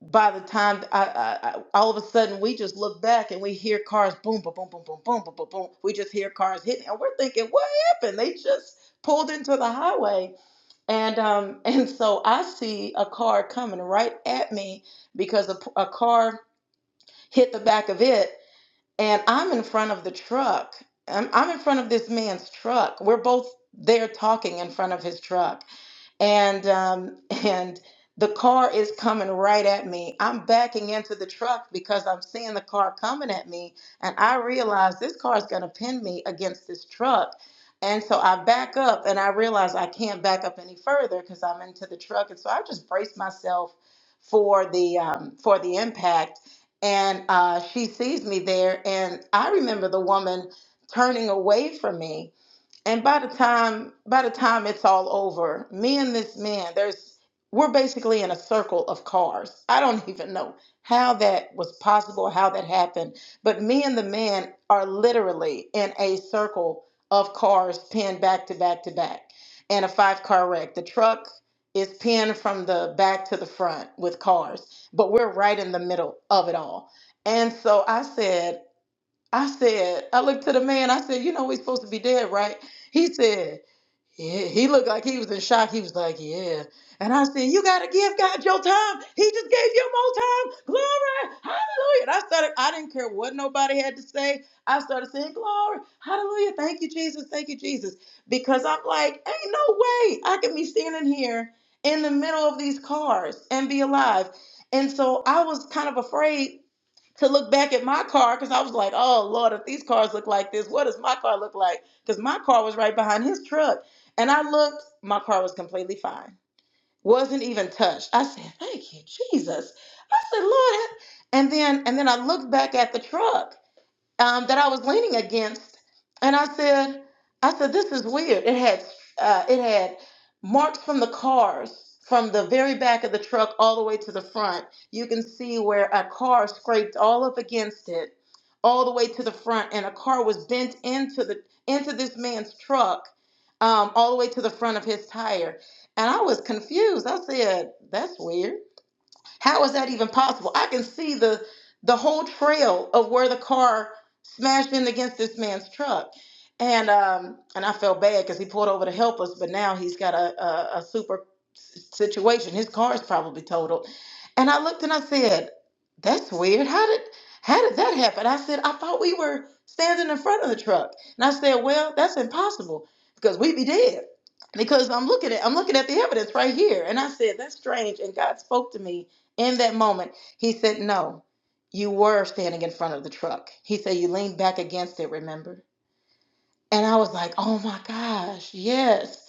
Speaker 3: by the time I, I, I, all of a sudden we just look back and we hear cars boom, boom, boom, boom, boom, boom, boom, boom, boom. We just hear cars hitting, and we're thinking, "What happened? They just pulled into the highway." And um, [laughs] and so I see a car coming right at me because a, a car hit the back of it, and I'm in front of the truck. I'm, I'm in front of this man's truck. We're both there talking in front of his truck and um, [laughs] and the car is coming right at me. I'm backing into the truck because I'm seeing the car coming at me, and I realize this car is going to pin me against this truck. And so I back up, and I realize I can't back up any further because I'm into the truck, and so I just brace myself for the um, for the impact. And uh, she sees me there, and I remember the woman turning away from me and by the time by the time it's all over me and this man there's we're basically in a circle of cars i don't [laughs] even know how that was possible how that happened but me and the man are literally in a circle of cars pinned back to back to back and a five car wreck the truck is pinned from the back to the front with cars but we're right in the middle of it all and so i said I said, I looked to the man, I said, you know we supposed to be dead, right? He said, yeah. He looked like he was in shock. He was like, yeah. And I said, you gotta give God your time. He just gave you more time. Glory, hallelujah. And I started, I didn't care what nobody had to say. I started saying, glory, hallelujah. Thank you, Jesus. Thank you, Jesus. Because I'm like, ain't no way I can be standing here in the middle of these cars and be alive. And so I was kind of afraid to look back at my car because I was like, oh Lord, if these cars look like this, what does my car look like? Because my car was right behind his truck. And I looked, my car was completely fine, wasn't even touched. I said, thank you, Jesus. I said, Lord, and then and then I looked back at the truck um, that I was leaning against, and I said, "I said this is weird." It had uh, it had marks from the cars from the very back of the truck all the way to the front. You can see where a car scraped all up against it, all the way to the front, and a car was bent into the into this man's truck, um, all the way to the front of his tire. And I was confused. I said, "That's weird." How is that even possible? I can see the the whole trail of where the car smashed in against this man's truck, and um, and I felt bad because he pulled over to help us, but now he's got a a, a super s- situation. His car is probably totaled, and I looked and I said, "That's weird. How did how did that happen?" I said, "I thought we were standing in front of the truck," and I said, "Well, that's impossible because we'd be dead." Because I'm looking at I'm looking at the evidence right here, and I said that's strange. And God spoke to me in that moment, he said, No, you were standing in front of the truck. He said, You leaned back against it, remember? And I was like, Oh my gosh, yes.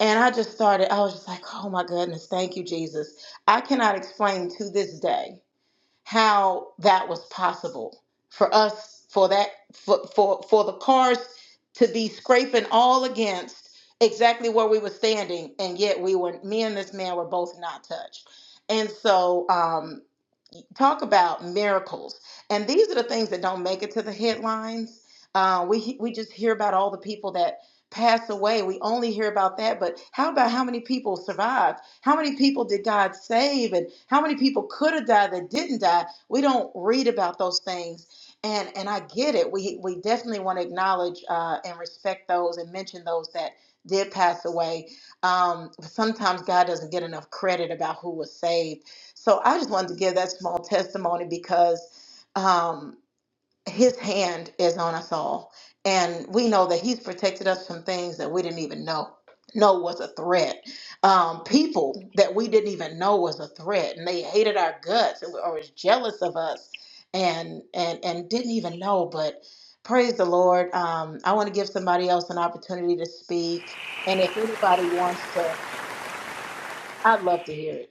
Speaker 3: And I just started, I was just like, Oh my goodness, thank you, Jesus. I cannot explain to this day how that was possible for us, for that, for, for, for the cars to be scraping all against exactly where we were standing. And yet we were, me and this man were both not touched. And so, um, talk about miracles. And these are the things that don't make it to the headlines. Uh, we we just hear about all the people that pass away. We only hear about that. But how about how many people survived? How many people did God save? And how many people could have died that didn't die? We don't read about those things. And and I get it. We we definitely want to acknowledge uh, and respect those and mention those that did pass away. Um, sometimes God doesn't get enough credit about who was saved so I just wanted to give that small testimony because um, his hand is on us all. And we know that he's protected us from things that we didn't even know know was a threat. Um, people that we didn't even know was a threat and they hated our guts and were always jealous of us and and and didn't even know. But praise the Lord. Um, I want to give somebody else an opportunity to speak. And if anybody wants to, I'd love to hear it.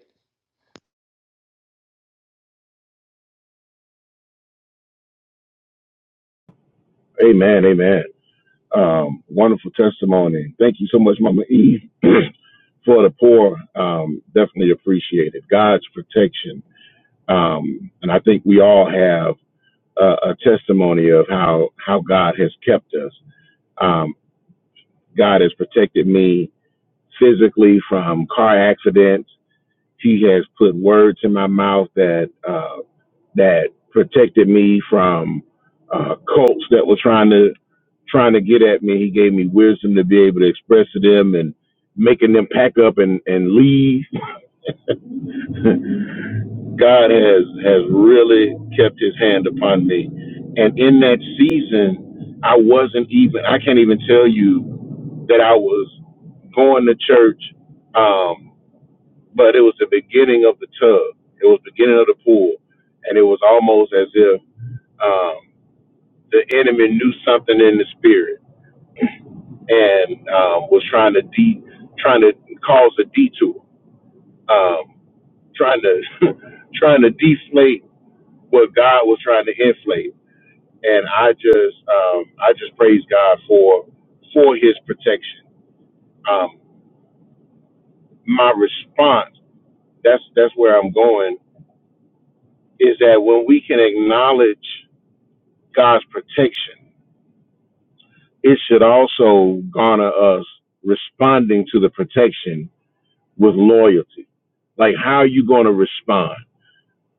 Speaker 5: Amen. Amen. Um, wonderful testimony. Thank you so much, Mama E, [clears throat] for the poor. Um, definitely appreciate it. God's protection. Um, and I think we all have a, a testimony of how, how God has kept us. Um, God has protected me physically from car accidents. He has put words in my mouth that, uh, that protected me from uh, cults that were trying to trying to get at me. He gave me wisdom to be able to express to them and making them pack up and, and leave. [laughs] God has has really kept his hand upon me. And in that season, I wasn't even I can't even tell you that I was going to church. Um, but it was the beginning of the tub. It was the beginning of the pool. And it was almost as if um, the enemy knew something in the spirit and um, was trying to de- trying to cause a detour, um, trying to [laughs] trying to deflate what God was trying to inflate. And I just um, I just praise God for for His protection. Um, my response that's that's where I'm going is that when we can acknowledge God's protection, it should also garner us responding to the protection was loyalty. Like, how are you going to respond?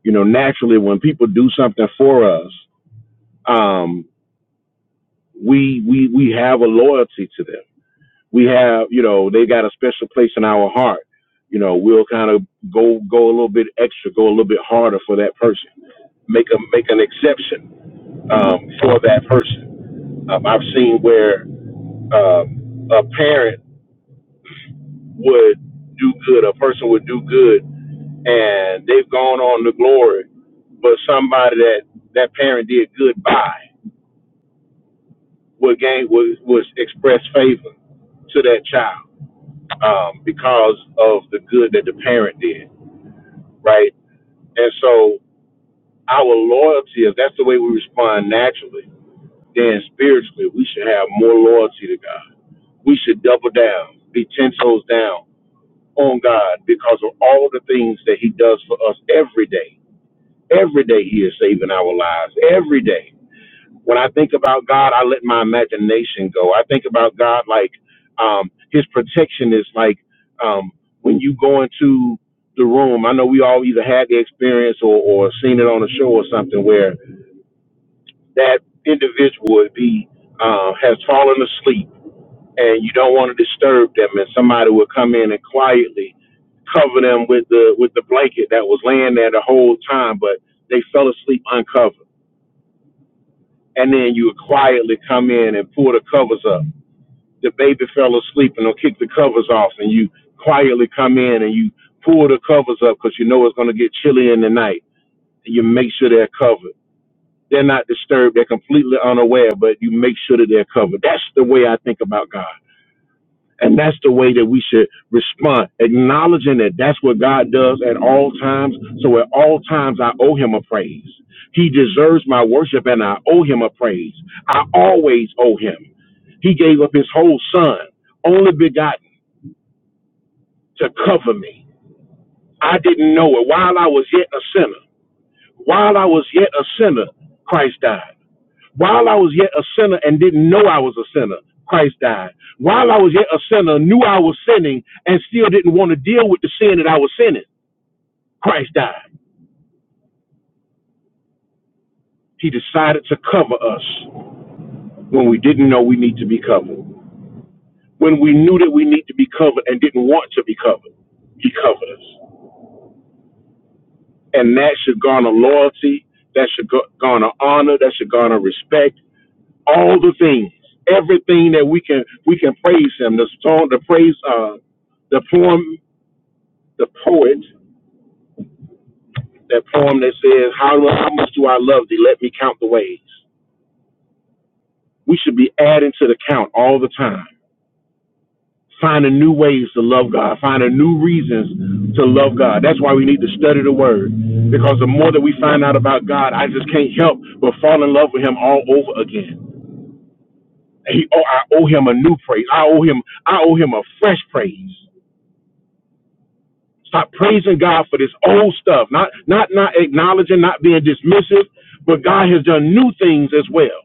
Speaker 5: You know, naturally, when people do something for us, um, we we we have a loyalty to them. We have, you know, they got a special place in our heart. You know, we'll kind of go go a little bit extra, go a little bit harder for that person, make a make an exception um, for that person. Um, I've seen where um, a parent would do good, a person would do good and they've gone on to glory. But somebody that that parent did good by would gain was was express favor to that child um, because of the good that the parent did, right? And so our loyalty, if that's the way we respond naturally, then spiritually we should have more loyalty to God. We should double down, be ten toes down on God because of all the things that He does for us every day. Every day He is saving our lives. Every day when I think about God, I let my imagination go. I think about God like um, His protection is like um, when you go into the room. I know we all either had the experience or, or seen it on a show or something where that individual would be uh, has fallen asleep and you don't want to disturb them, and somebody would come in and quietly cover them with the with the blanket that was laying there the whole time, but they fell asleep uncovered. And then you would quietly come in and pull the covers up the baby fell asleep and they'll kick the covers off and you quietly come in and you pull the covers up because you know it's going to get chilly in the night and you make sure they're covered they're not disturbed they're completely unaware but you make sure that they're covered that's the way i think about god and that's the way that we should respond, acknowledging that that's what God does at all times. So at all times, I owe him a praise. He deserves my worship and I owe him a praise. I always owe him. He gave up his whole son, only begotten, to cover me. I didn't know it. While I was yet a sinner, while I was yet a sinner, Christ died. While I was yet a sinner and didn't know I was a sinner, Christ died. While I was yet a sinner, knew I was sinning and still didn't want to deal with the sin that I was sinning, Christ died. He decided to cover us when we didn't know we need to be covered. When we knew that we need to be covered and didn't want to be covered, he covered us. And that should garner loyalty, that should garner honor, that should garner respect, all the things, everything that we can we can praise him. The song, the praise uh the poem the poet, that poem that says, how, how much do I love thee? Let me count the ways. We should be adding to the count all the time, finding new ways to love God, finding new reasons to love God. That's why we need to study the Word, because the more that we find out about God, I just can't help but fall in love with Him all over again. He, oh, I owe Him a new praise. I owe Him, I owe Him a fresh praise. Stop praising God for this old stuff. Not not not acknowledging, not being dismissive, but God has done new things as well.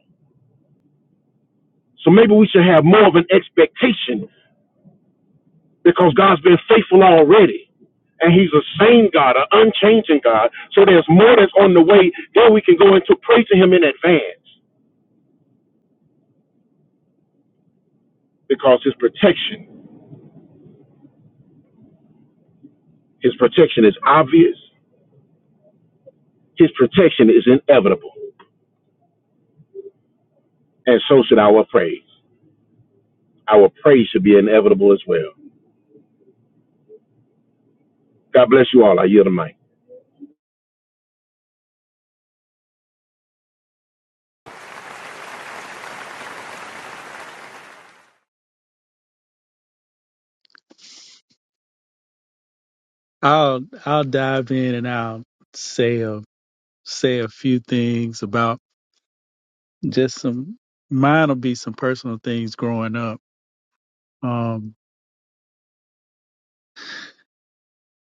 Speaker 5: So maybe we should have more of an expectation because God's been faithful already. And he's a same God, an unchanging God. So there's more that's on the way. Then we can go into praising him in advance because his protection, his protection is obvious. His protection is inevitable. And so should our praise. Our praise should be inevitable as well. God bless you all. I yield the mic.
Speaker 4: I'll I'll dive in and I'll say a say a few things about just some mine'll be some personal things growing up. Um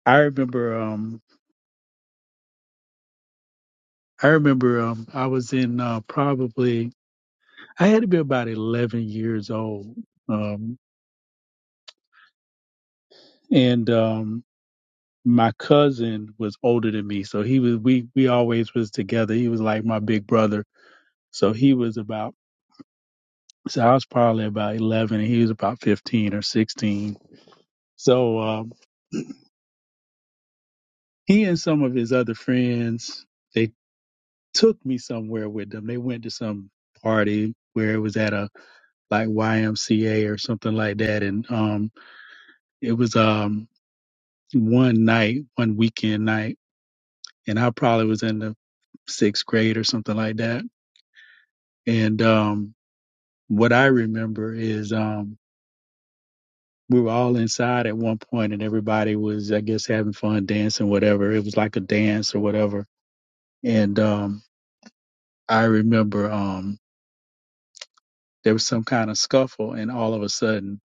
Speaker 4: I remember um I remember um I was in uh probably I had to be about eleven years old. Um and um my cousin was older than me, so he was we we always was together. He was like my big brother. So he was about So I was probably about 11 and he was about 15 or 16. So um, he and some of his other friends, they took me somewhere with them. They went to some party where it was at a like YMCA or something like that. And um, it was um, one night, one weekend night. And I probably was in the sixth grade or something like that. And um, what I remember is um, we were all inside at one point and everybody was i guess having fun dancing whatever it was like a dance or whatever and um i remember um there was some kind of scuffle and all of a sudden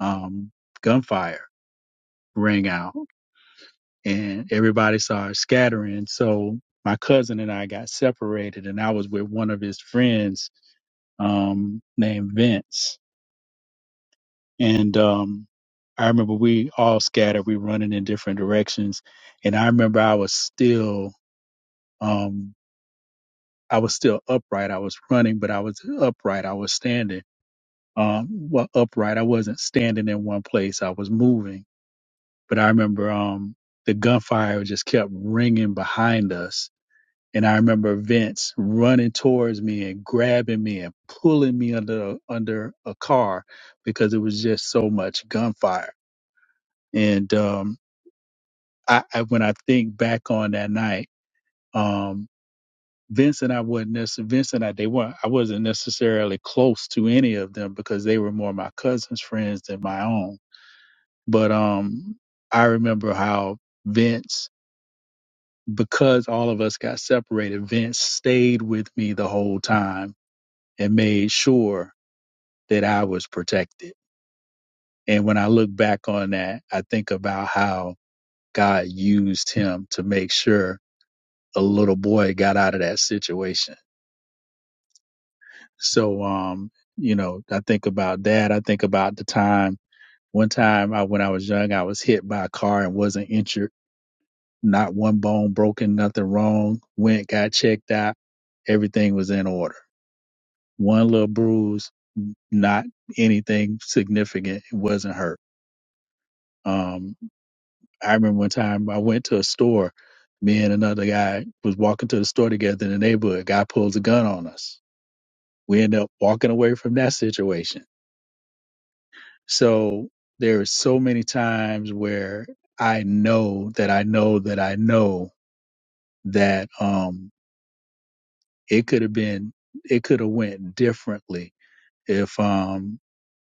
Speaker 4: um gunfire rang out and everybody started scattering so my cousin and i got separated and i was with one of his friends um named vince and um i remember we all scattered we running in different directions and i remember i was still Um, I was still upright. I was running, but I was upright. I was standing. Um, well, upright. I wasn't standing in one place. I was moving. But I remember um, the gunfire just kept ringing behind us. And I remember Vince running towards me and grabbing me and pulling me under under a car because it was just so much gunfire. And um, I, I when I think back on that night, um, Vince and I wasn't necessarily Vince and I they weren't I wasn't necessarily close to any of them because they were more my cousin's friends than my own. But um I remember how Vince because all of us got separated, Vince stayed with me the whole time and made sure that I was protected. And when I look back on that, I think about how God used him to make sure a little boy got out of that situation So, um, you know, I think about that. I think about the time, one time I, when I was young, I was hit by a car and wasn't injured. Not one bone broken, nothing wrong. Went, got checked out. Everything was in order. One little bruise, not anything significant. It wasn't hurt. Um, I remember one time I went to a store. Me and another guy was walking to the store together in the neighborhood. Guy pulls a gun on us. We end up walking away from that situation So there are so many times where I know that I know that I know that um it could have been it could have went differently if um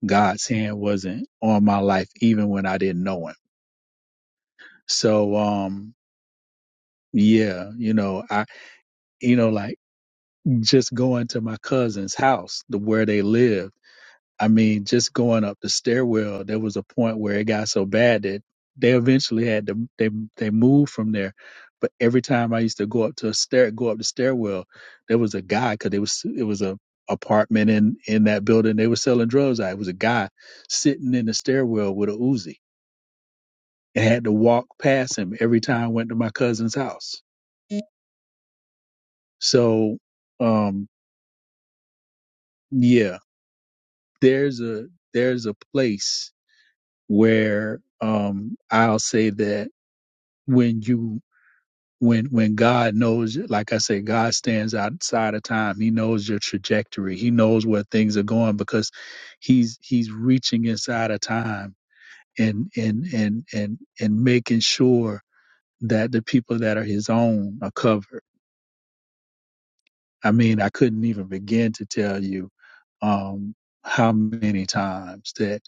Speaker 4: God's hand wasn't on my life even when I didn't know him. So um yeah, you know, I you know like just going to my cousin's house, the where they live I mean, just going up the stairwell, there was a point where it got so bad that they eventually had to they they moved from there. But every time I used to go up to a stair, go up the stairwell, there was a guy because it was it was a apartment in in that building. They were selling drugs. out. It was a guy sitting in the stairwell with a Uzi and I had to walk past him every time I went to my cousin's house. So, um, yeah, there's a there's a place where um I'll say that when you when when God knows like I say, God stands outside of time. He knows your trajectory. He knows where things are going because he's he's reaching inside of time and and and and and making sure that the people that are his own are covered. I mean, I couldn't even begin to tell you um, how many times that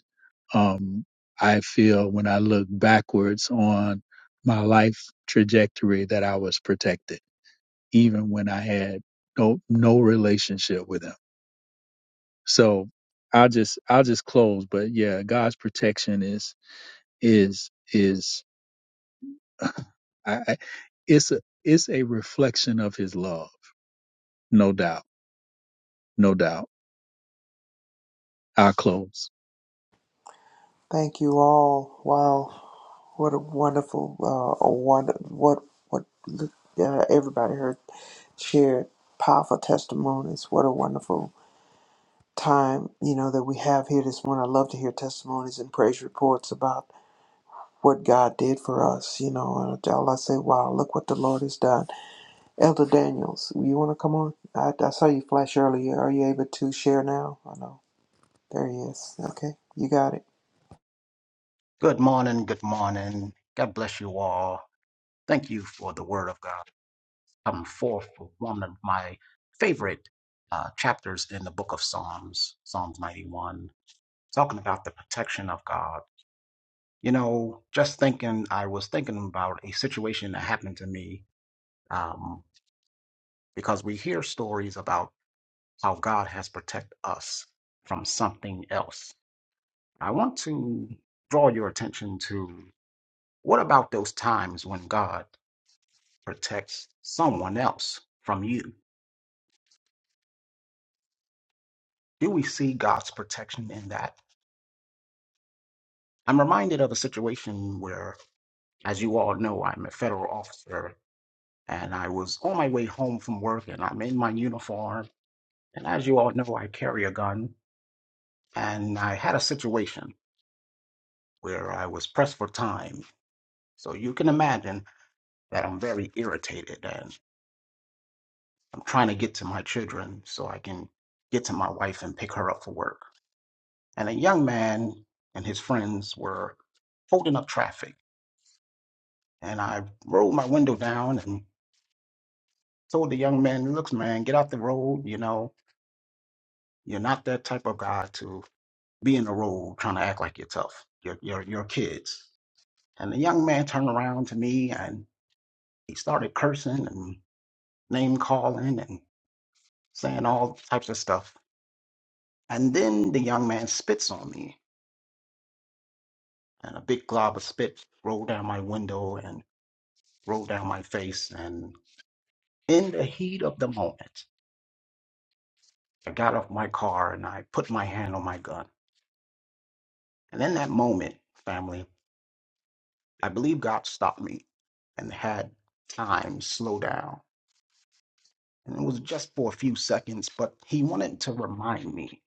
Speaker 4: um, I feel when I look backwards on my life trajectory that I was protected, even when I had no no relationship with him. So I'll just I'll just close, but yeah, God's protection is is is [sighs] [laughs] I, I- it's a it's a reflection of His love, no doubt, no doubt. I'll close.
Speaker 2: Thank you all. Wow, what a wonderful, uh, a wonder, what what uh, everybody heard shared powerful testimonies. What a wonderful time you know that we have here this morning. I love to hear testimonies and praise reports about what God did for us, you know. And all I say, wow, look what the Lord has done. Elder Daniels, you want to come on? I, I saw you flash earlier. Are you able to share now? I know. There he is. Okay, you got it.
Speaker 6: Good morning, good morning. God bless you all. Thank you for the word of God come forth for one of my favorite uh, chapters in the book of Psalms, Psalms 91, talking about the protection of God. You know, just thinking, I was thinking about a situation that happened to me um, because we hear stories about how God has protected us from something else. I want to draw your attention to what about those times when God protects someone else from you. Do we see God's protection in that? I'm reminded of a situation where, as you all know, I'm a federal officer and I was on my way home from work and I'm in my uniform. And as you all know, I carry a gun. And I had a situation where I was pressed for time. So you can imagine that I'm very irritated and I'm trying to get to my children so I can get to my wife and pick her up for work. and a young man and his friends were holding up traffic. And I rolled my window down and told the young man, "Looks, man, get out the road. You know, you're not that type of guy to be in the road trying to act like you're tough. You're you're, you're kids." And the young man turned around to me and he started cursing and name calling and saying all types of stuff. And then the young man spits on me, and a big glob of spit rolled down my window and rolled down my face. In the heat of the moment, I got off my car and I put my hand on my gun. And in that moment, family, I believe God stopped me and had time slow down. And it was just for a few seconds, but He wanted to remind me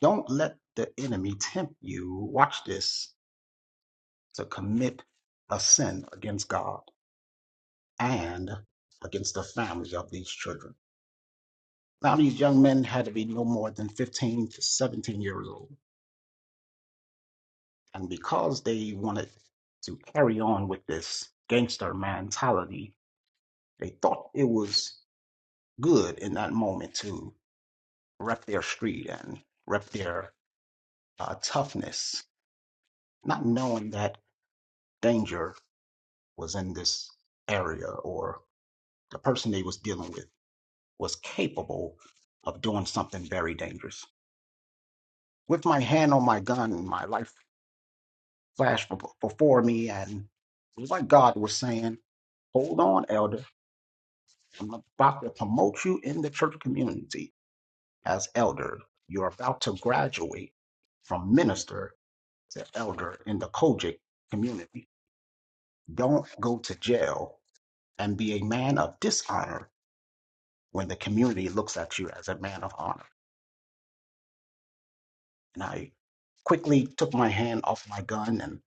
Speaker 6: don't let the enemy tempt you, watch this, to commit a sin against God and against the families of these children. Now, these young men had to be no more than 15 to 17 years old And because they wanted to carry on with this gangster mentality, they thought it was good in that moment to rep their street and rep their uh, toughness, not knowing that danger was in this area or the person they was dealing with was capable of doing something very dangerous. With my hand on my gun and my life flashed bef- before me, and it was like God was saying, "Hold on, elder." I'm about to promote you in the church community as elder. You're about to graduate from minister to elder in the Kojic community. Don't go to jail and be a man of dishonor when the community looks at you as a man of honor. And I quickly took my hand off my gun and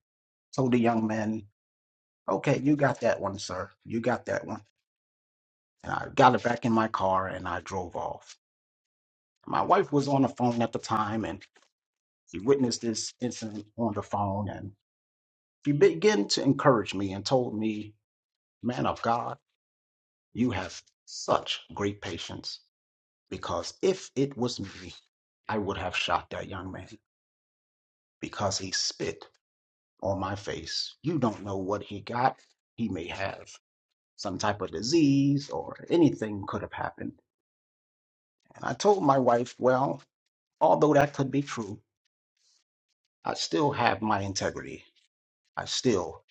Speaker 6: told the young man, Okay, you got that one, sir. You got that one. And I got it back in my car and I drove off. My wife was on the phone at the time, and She witnessed this incident on the phone and she began to encourage me and told me, Man of God, you have such great patience because if it was me, I would have shot that young man because he spit on my face. You don't know what he got. He may have some type of disease or anything could have happened. And I told my wife, Well, although that could be true, I still have my integrity. I still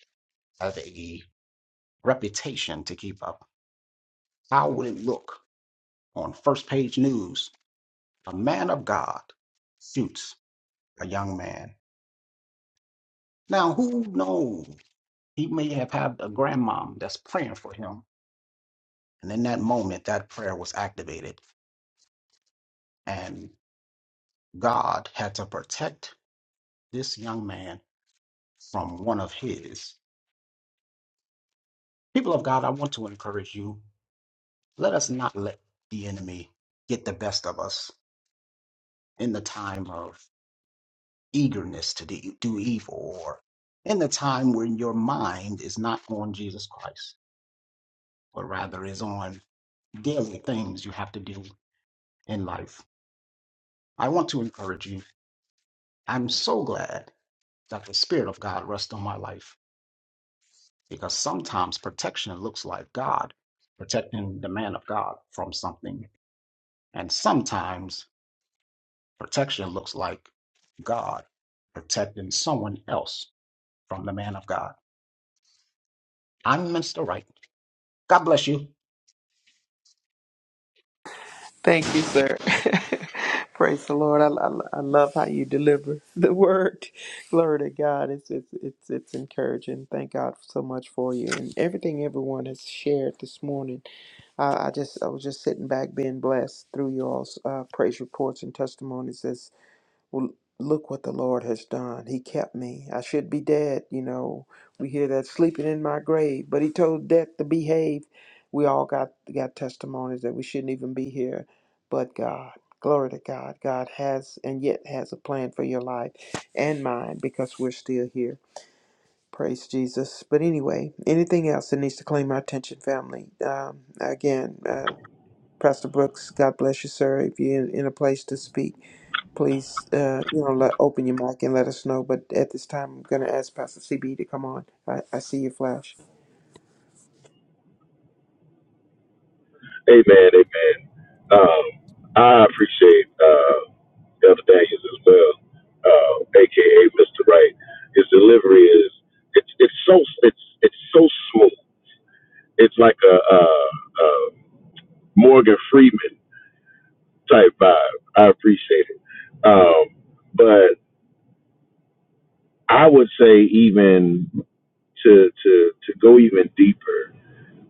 Speaker 6: have a reputation to keep up How would it look on first page news? A man of God shoots a young man. Now, who knows? He may have had a grandmom that's praying for him. And in that moment, that prayer was activated. And God had to protect this young man from one of his. People of God, I want to encourage you. Let us not let the enemy get the best of us in the time of eagerness to de- do evil or in the time when your mind is not on Jesus Christ, but rather is on daily things you have to do in life. I want to encourage you. I'm so glad that the Spirit of God rests on my life because sometimes protection looks like God protecting the man of God from something. And sometimes protection looks like God protecting someone else from the man of God. I'm Mr. Wright. God bless you.
Speaker 2: Thank you, sir. [laughs] Praise the Lord. I, I, I love how you deliver the word. [laughs] Glory to God. It's, it's it's it's encouraging. Thank God so much for you and everything everyone has shared this morning. I, I just I was just sitting back being blessed through your all's uh, praise reports and testimonies well, look what the Lord has done. He kept me. I should be dead. You know, we hear that sleeping in my grave, but He told death to behave. We all got got testimonies that we shouldn't even be here, but God. Glory to God. God has and yet has a plan for your life and mine because we're still here. Praise Jesus. But anyway, anything else that needs to claim our attention, family? Um, again, uh, Pastor Brooks, God bless you, sir. If you're in, in a place to speak, please, uh, you know, let, open your mic and let us know. But at this time, I'm going to ask Pastor CB to come on. I, I see your flash.
Speaker 5: Amen, amen. Um, I appreciate uh, Elder Daniels as well, uh, aka Mr. Wright. His delivery is it's it's so it's it's so smooth. It's like a, a, a Morgan Freeman type vibe. I appreciate it. Um, but I would say even to to to go even deeper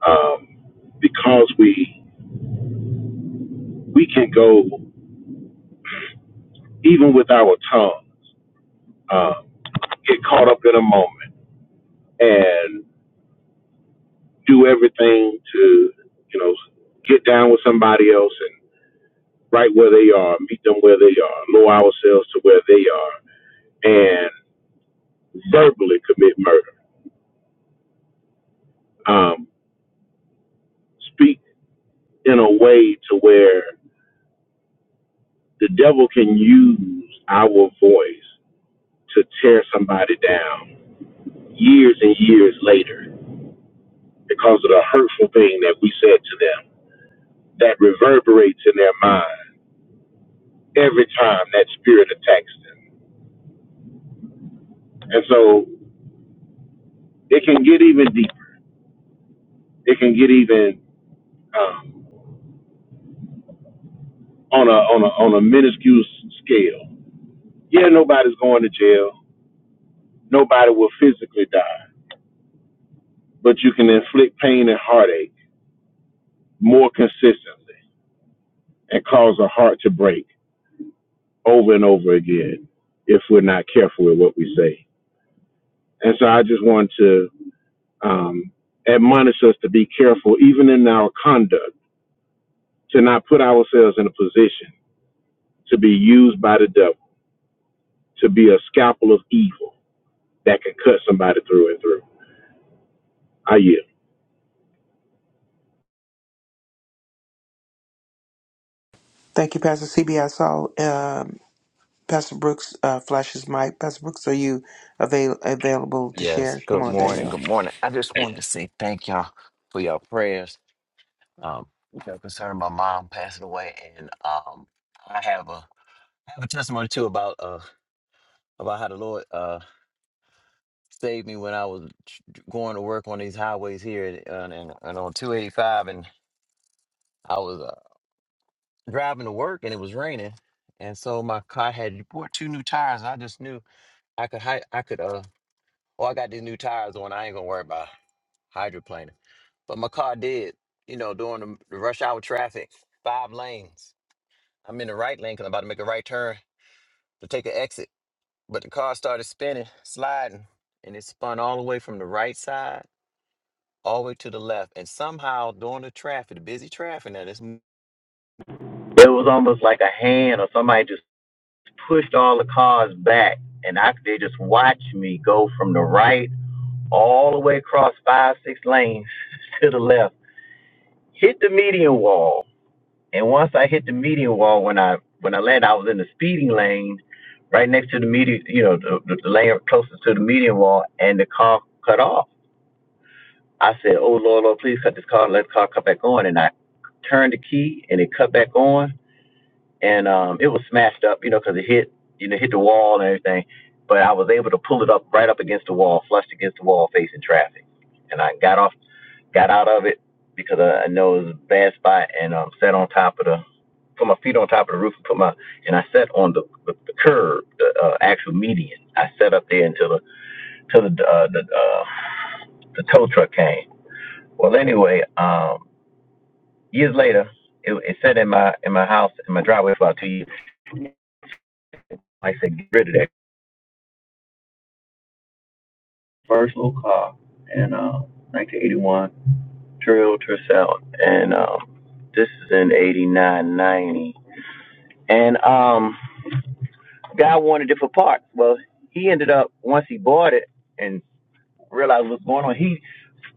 Speaker 5: um, because we we can go even with our tongue. Um, get caught up in a moment and do everything to, you know, get down with somebody else and right where they are, meet them where they are, lower ourselves to where they are, and verbally commit murder. Um, speak in a way to where the devil can use our voice to tear somebody down years and years later because of the hurtful thing that we said to them that reverberates in their mind every time that spirit attacks them And so it can get even deeper. It can get even um, on a on a on a minuscule s- scale. Yeah, nobody's going to jail. Nobody will physically die, but you can inflict pain and heartache more consistently and cause a heart to break over and over again if we're not careful with what we say. And so I just want to um, admonish us to be careful, even in our conduct, to not put ourselves in a position to be used by the devil to be a scalpel of evil that can cut somebody through and through. I yield.
Speaker 2: Thank you, Pastor CB. I saw um, Pastor Brooks uh, flash his mic. Pastor Brooks, are you avail- available to
Speaker 7: Yes,
Speaker 2: share? Come
Speaker 7: good
Speaker 2: on, there you
Speaker 7: morning.
Speaker 2: are.
Speaker 7: Good morning. I just wanted to say thank y'all for your prayers. Um, you know, concerning my mom passing away, and um, I have a I have a testimony too about uh about how the Lord uh saved me when I was tr- going to work on these highways here and and, and on two eighty five, and I was uh, driving to work, and it was raining, and so my car had bought two new tires, and I just knew I could hi- I could uh oh I got these new tires on, I ain't gonna worry about. hydroplaning. But my car did, you know, during the the rush hour traffic, five lanes. I'm in the right lane because I'm about to make a right turn to take an exit. But the car started spinning, sliding, and it spun all the way from the right side all the way to the left. And somehow during the traffic, the busy traffic now, this m- it was almost like a hand or somebody just pushed all the cars back. And I they just watched me go from the right all the way across five, six lanes [laughs] to the left. Hit the median wall And once I hit the median wall, when I when I landed, I was in the speeding lane, right next to the median, you know, the, the, the lane closest to the median wall, and the car cut off. I said, "Oh Lord, Lord, please cut this car, let the car cut back on." And I turned the key, and it cut back on, and um, it was smashed up, you know, because it hit, you know, hit the wall and everything. But I was able to pull it up right up against the wall, flushed against the wall, facing traffic, and I got off, got out of it because I, I know it was a bad spot, and um, sat on top of the put my feet on top of the roof and put my and I sat on the the, the curb, the uh, actual median. I sat up there until the till the uh, the uh, the tow truck came. Well, anyway, um, years later, it, it sat in my in my house in my driveway for about two years. Like I said, get rid of that first little car in uh, 1981 Trail to South, and um, this is in 89, 90, And um, guy wanted it for parts. Well, he ended up once he bought it and realized what's going on. He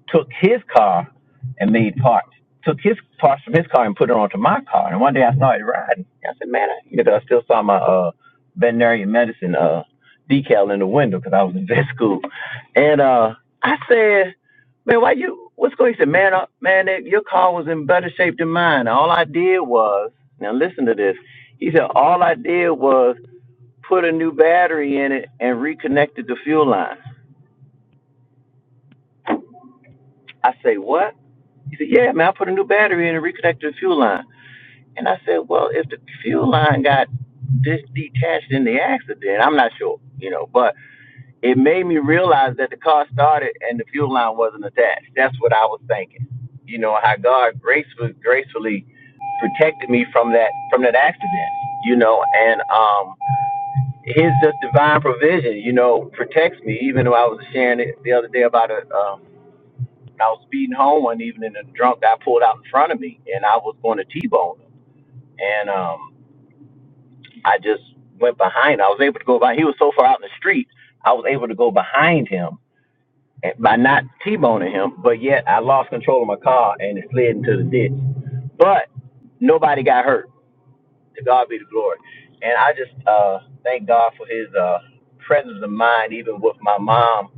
Speaker 7: took his car and made parts. Took his parts from his car and put it onto my car. And one day I started riding. I said, man, I, you know I still saw my uh, veterinary medicine uh, decal in the window because I was in [laughs] vet school. And uh, I said, man, why you? What's going? on? He said, man, uh, man, that, your car was in better shape than mine. All I did was now listen to this. He said, all I did was put a new battery in it and reconnected the fuel line. I say, what? He said, yeah, man, I put a new battery in and reconnected the fuel line. And I said, well, if the fuel line got this detached in the accident, I'm not sure, you know, but it made me realize that the car started and the fuel line wasn't attached. That's what I was thinking. You know, how God gracefully gracefully protected me from that from that accident, you know, and um his just divine provision, you know, protects me. Even though I was sharing it the other day about a, um, I was speeding home one evening and a drunk guy pulled out in front of me and I was going to T-bone him. And um, I just went behind. I was able to go by. He was so far out in the street, I was able to go behind him by not T-boning him. But yet, I lost control of my car and it slid into the ditch. But nobody got hurt. To God be the glory. And I just uh, thank God for His uh, presence of mind, even with my mom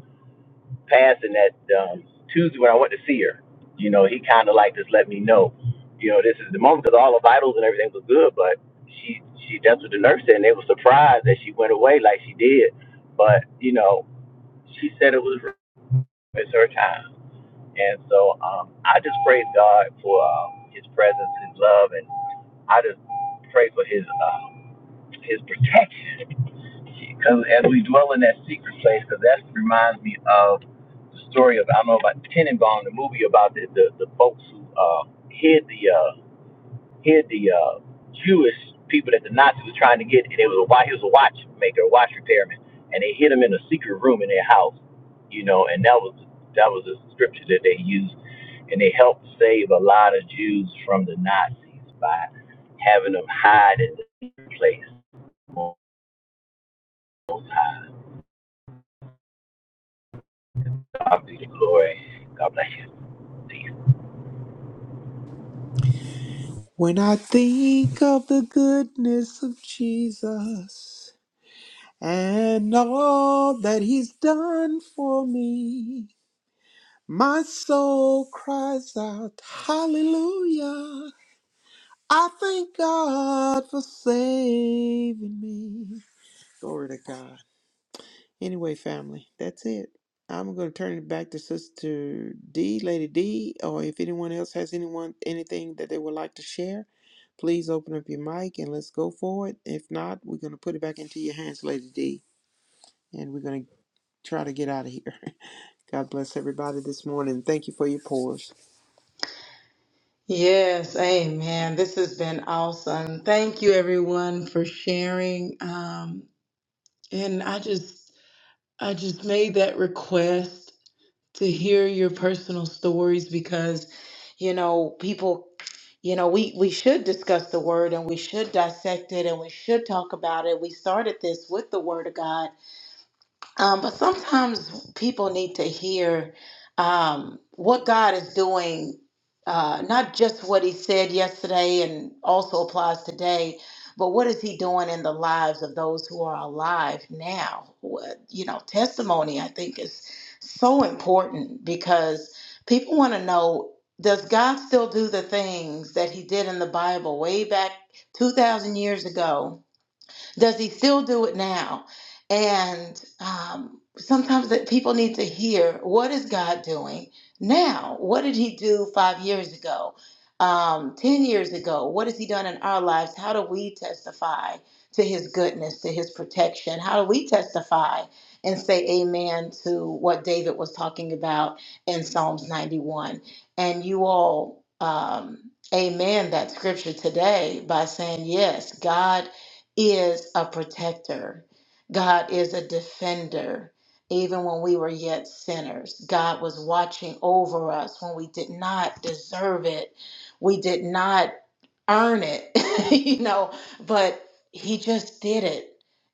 Speaker 7: passing that um, Tuesday when I went to see her. You know, he kind of like just let me know, you know, this is the moment because all her vitals and everything was good, but she she that's what the nurse said, and they were surprised that she went away like she did. But you know, she said it was it's her time, and so um, I just praise God for um, His presence, His love, and I just pray for His um, His protection because as we dwell in that secret place, because that reminds me of the story of I don't know about Tenenbaum, the movie about the the, the folks who uh, hid the uh, hid the uh, Jewish people that the Nazis were trying to get. And it was a wa- he was a watchmaker, a watch repairman, and they hid him in a secret room in their house, you know. And that was that was the scripture that they used, and they helped save a lot of Jews from the Nazis by having them hide in the secret place. God be the glory. God bless.
Speaker 2: When I think of the goodness of Jesus and all that he's done for me, my soul cries out, Hallelujah. I thank God for saving me. Glory to God. Anyway, family, that's it. I'm going to turn it back to Sister D, Lady D, or if anyone else has anyone anything that they would like to share, please open up your mic and let's go for it. If not, we're going to put it back into your hands, Lady D, and we're going to try to get out of here. [laughs] God bless everybody this morning. Thank you for your prayers.
Speaker 3: Yes, amen. This has been awesome. Thank you everyone for sharing. Um, and I just I just made that request to hear your personal stories because you know, people you know, we we should discuss the word and we should dissect it and we should talk about it. We started this with the word of God um, but sometimes people need to hear um, what God is doing, uh, not just what He said yesterday and also applies today, but what is He doing in the lives of those who are alive now? What, you know, testimony I think is so important because people want to know does God still do the things that He did in the Bible way back 2,000 years ago? Does he still do it now? And um, sometimes that people need to hear what is God doing now? What did he do five years ago? Um, 10 years ago? What has he done in our lives? How do we testify to his goodness, to his protection? How do we testify and say amen to what David was talking about in Psalms 91? And you all, um, amen that scripture today by saying, yes, God is a protector. God is a defender. Even when we were yet sinners, God was watching over us when we did not deserve it. We did not earn it, [laughs] you know, but He just did it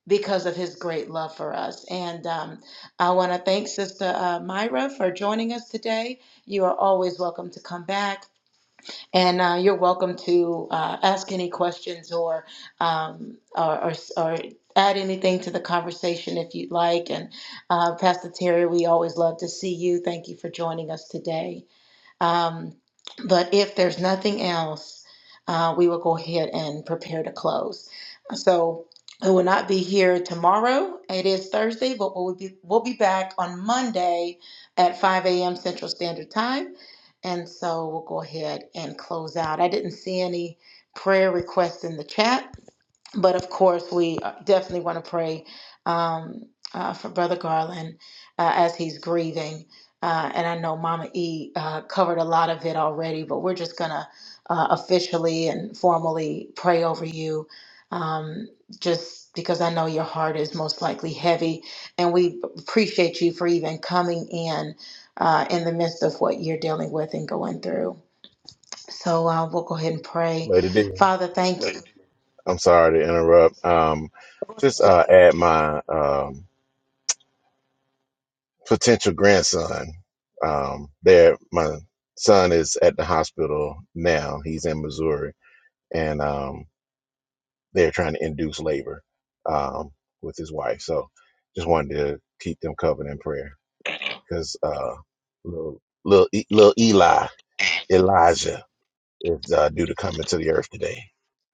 Speaker 3: because of His great love for us. And um, I want to thank Sister uh, Myra for joining us today. You are always welcome to come back and uh, you're welcome to uh, ask any questions or, um, or, or or add anything to the conversation if you'd like. And uh, Pastor Terry, we always love to see you. Thank you for joining us today. Um, but if there's nothing else, uh, we will go ahead and prepare to close. So we will not be here tomorrow. It is Thursday, but we'll be we'll be back on Monday at 5 a.m. Central Standard Time. And so we'll go ahead and close out. I didn't see any prayer requests in the chat but of course, we uh, definitely want to pray um, uh, for Brother Garland uh, as he's grieving. Uh, and I know Mama E uh, covered a lot of it already, but we're just going to uh, officially and formally pray over you um, just because I know your heart is most likely heavy. And we appreciate you for even coming in uh, in the midst of what you're dealing with and going through. So uh, we'll go ahead and pray. Father, thank you.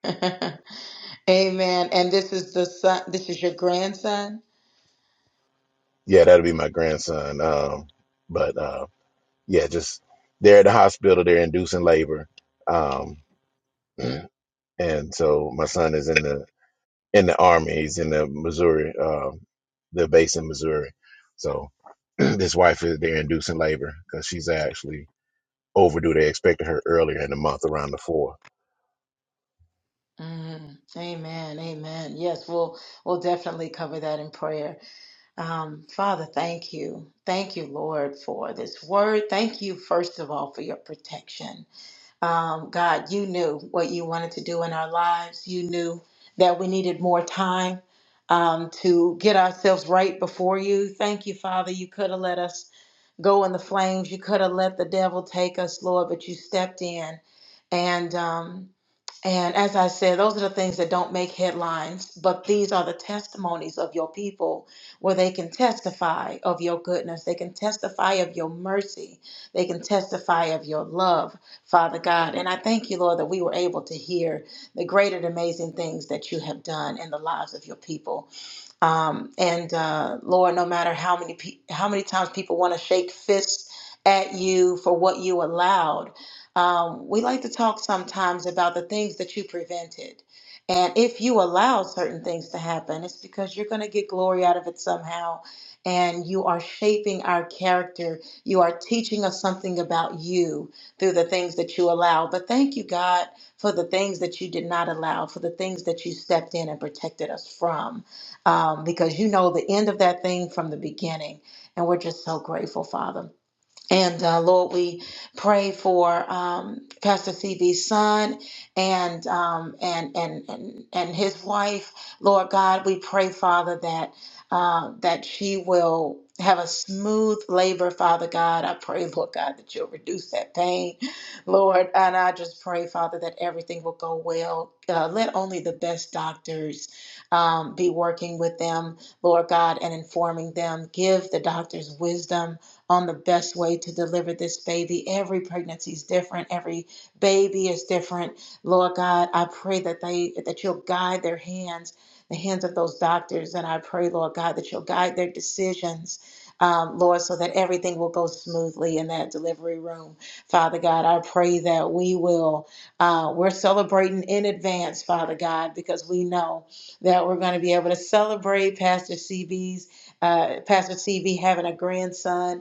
Speaker 3: [laughs] Amen. And this is the son, this is your grandson. Mm, amen. Amen. Yes, we'll we'll definitely cover that in prayer. Um, Father, thank you. Thank you, Lord, for this word. Thank you, first of all, for your protection. Um, God, you knew what you wanted to do in our lives. You knew that we needed more time um, to get ourselves right before you. Thank you, Father. You could have let us go in the flames. You could have let the devil take us, Lord, but you stepped in. And um, and as I said, those are the things that don't make headlines, but these are the testimonies of your people where they can testify of your goodness. They can testify of your mercy. They can testify of your love, Father God. And I thank you, Lord, that we were able to hear the great and amazing things that you have done in the lives of your people. Um, and uh, Lord, no matter how many pe- how many times people want to shake fists at you for what you allowed, um, we like to talk sometimes about the things that you prevented. And if you allow certain things to happen, it's because you're going to get glory out of it somehow. And you are shaping our character. You are teaching us something about you through the things that you allow. But thank you, God, for the things that you did not allow, for the things that you stepped in and protected us from um, because you know the end of that thing from the beginning. And we're just so grateful, Father. And uh, Lord, we pray for um, Pastor CB's son and, um, and and and and his wife. Lord God, we pray, Father, that uh, that she will have a smooth labor, Father God. I pray, Lord God, that you'll reduce that pain, Lord. And I just pray, Father, that everything will go well. Uh, let only the best doctors um, be working with them, Lord God, and informing them. Give the doctors wisdom on the best way to deliver this baby. Every pregnancy is different, every baby is different. Lord God, I pray that they that you'll guide their hands, the hands of those doctors, and I pray, Lord God, that you'll guide their decisions. Um, Lord, so that everything will go smoothly in that delivery room. Father God, I pray that we will, uh, we're celebrating in advance, Father God, because we know that we're going to be able to celebrate Pastor CB's, uh, Pastor CB having a grandson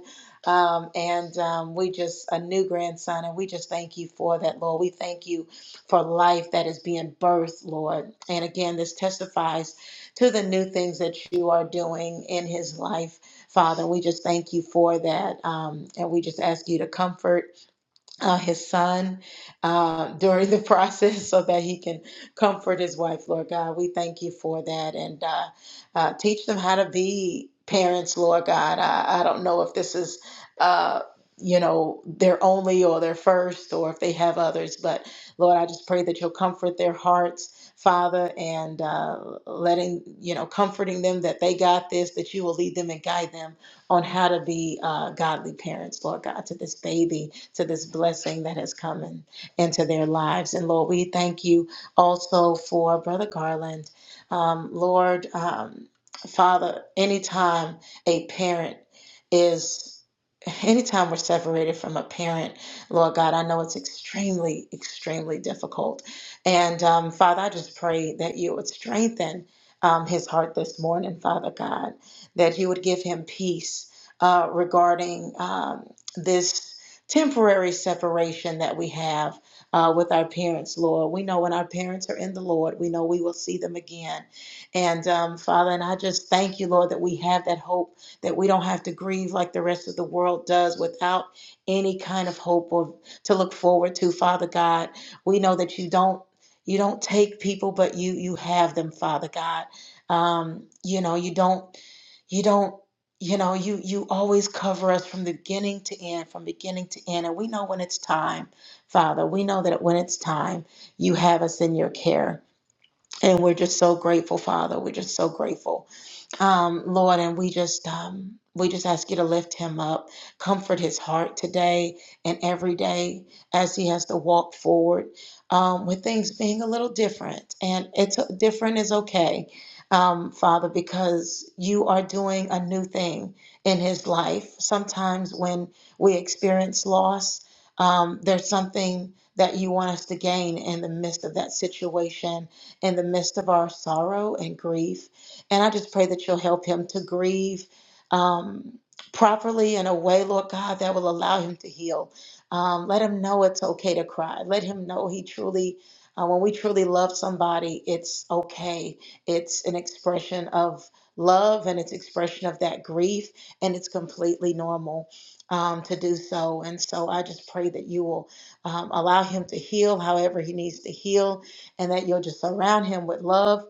Speaker 3: um, and um, we just, a new grandson, and we just thank you for that, Lord. We thank you for life that is being birthed, Lord. And again, this testifies to the new things that you are doing in his life, Father. We just thank you for that. Um, and we just ask you to comfort uh, his son uh, [laughs] during the process so that he can comfort his wife, Lord God. We thank you for that and uh, uh, teach them how to be parents, Lord God. I, I don't know if this is. Uh, you know, their only or their first, or if they have others. But Lord, I just pray that you'll comfort their hearts, Father, and uh, letting, you know, comforting them that they got this, that you will lead them and guide them on how to be uh, godly parents, Lord God, to this baby, to this blessing that has come in, into their lives. And Lord, we thank you also for Brother Garland. Um, Lord, um, Father, anytime a parent is anytime we're separated from a parent, Lord God, I know it's extremely, extremely difficult. And um, Father, I just pray that you would strengthen um, his heart this morning, Father God that you would give him peace uh, regarding um, this temporary separation that we have uh, with our parents, Lord. We know when our parents are in the Lord, we know we will see them again. And um, Father, and I just thank you, Lord, that we have that hope that we don't have to grieve like the rest of the world does without any kind of hope or to look forward to, Father God. We know that you don't. You don't take people, but you you have them, Father God. Um, you know, you don't you don't you know you you always cover us from the beginning to end from beginning to end and we know when it's time father we know that when it's time you have us in your care and we're just so grateful father we're just so grateful um, Lord, and we just um, we just ask you to lift him up, comfort his heart today and every day as he has to walk forward um, with things being a little different, and it's uh, different is okay, um, Father, because you are doing a new thing in his life. Sometimes when we experience loss, um, there's something that you want us to gain in the midst of that situation, in the midst of our sorrow and grief. And I just pray that you'll help him to grieve um, properly in a way, Lord God, that will allow him to heal. Um, let him know it's okay to cry. Let him know he truly, uh, when we truly love somebody, it's okay. It's an expression of love and it's expression of that grief, and it's completely normal um, to do so. And so I just pray that you will um, allow him to heal however he needs to heal, and that you'll just surround him with love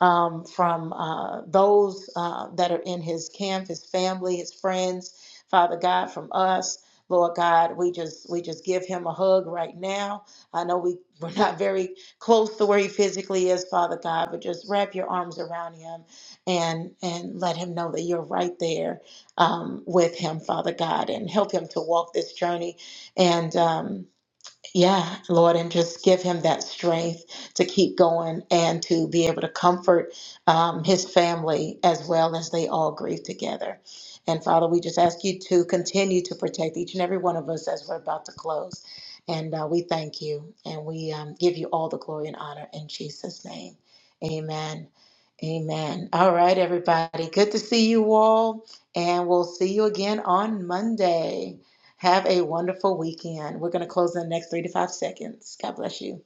Speaker 3: um, from uh, those uh, that are in his camp, his family, his friends. Father God, from us, Lord God, we just we just give him a hug right now. I know we [laughs] we're not very close to where he physically is, Father God, but just wrap your arms around him and and let him know that you're right there um, with him, Father God, and help him to walk this journey and. Um, yeah, Lord, and just give him that strength to keep going and to be able to comfort um, his family as well as they all grieve together. And Father, we just ask you to continue to protect each and every one of us as we're about to close. And uh, we thank you and we um, give you all the glory and honor in Jesus' name. Amen. Amen. All right, everybody. Good to see you all. And we'll see you again on Monday. Have a wonderful weekend. We're going to close in the next three to five seconds. God bless you.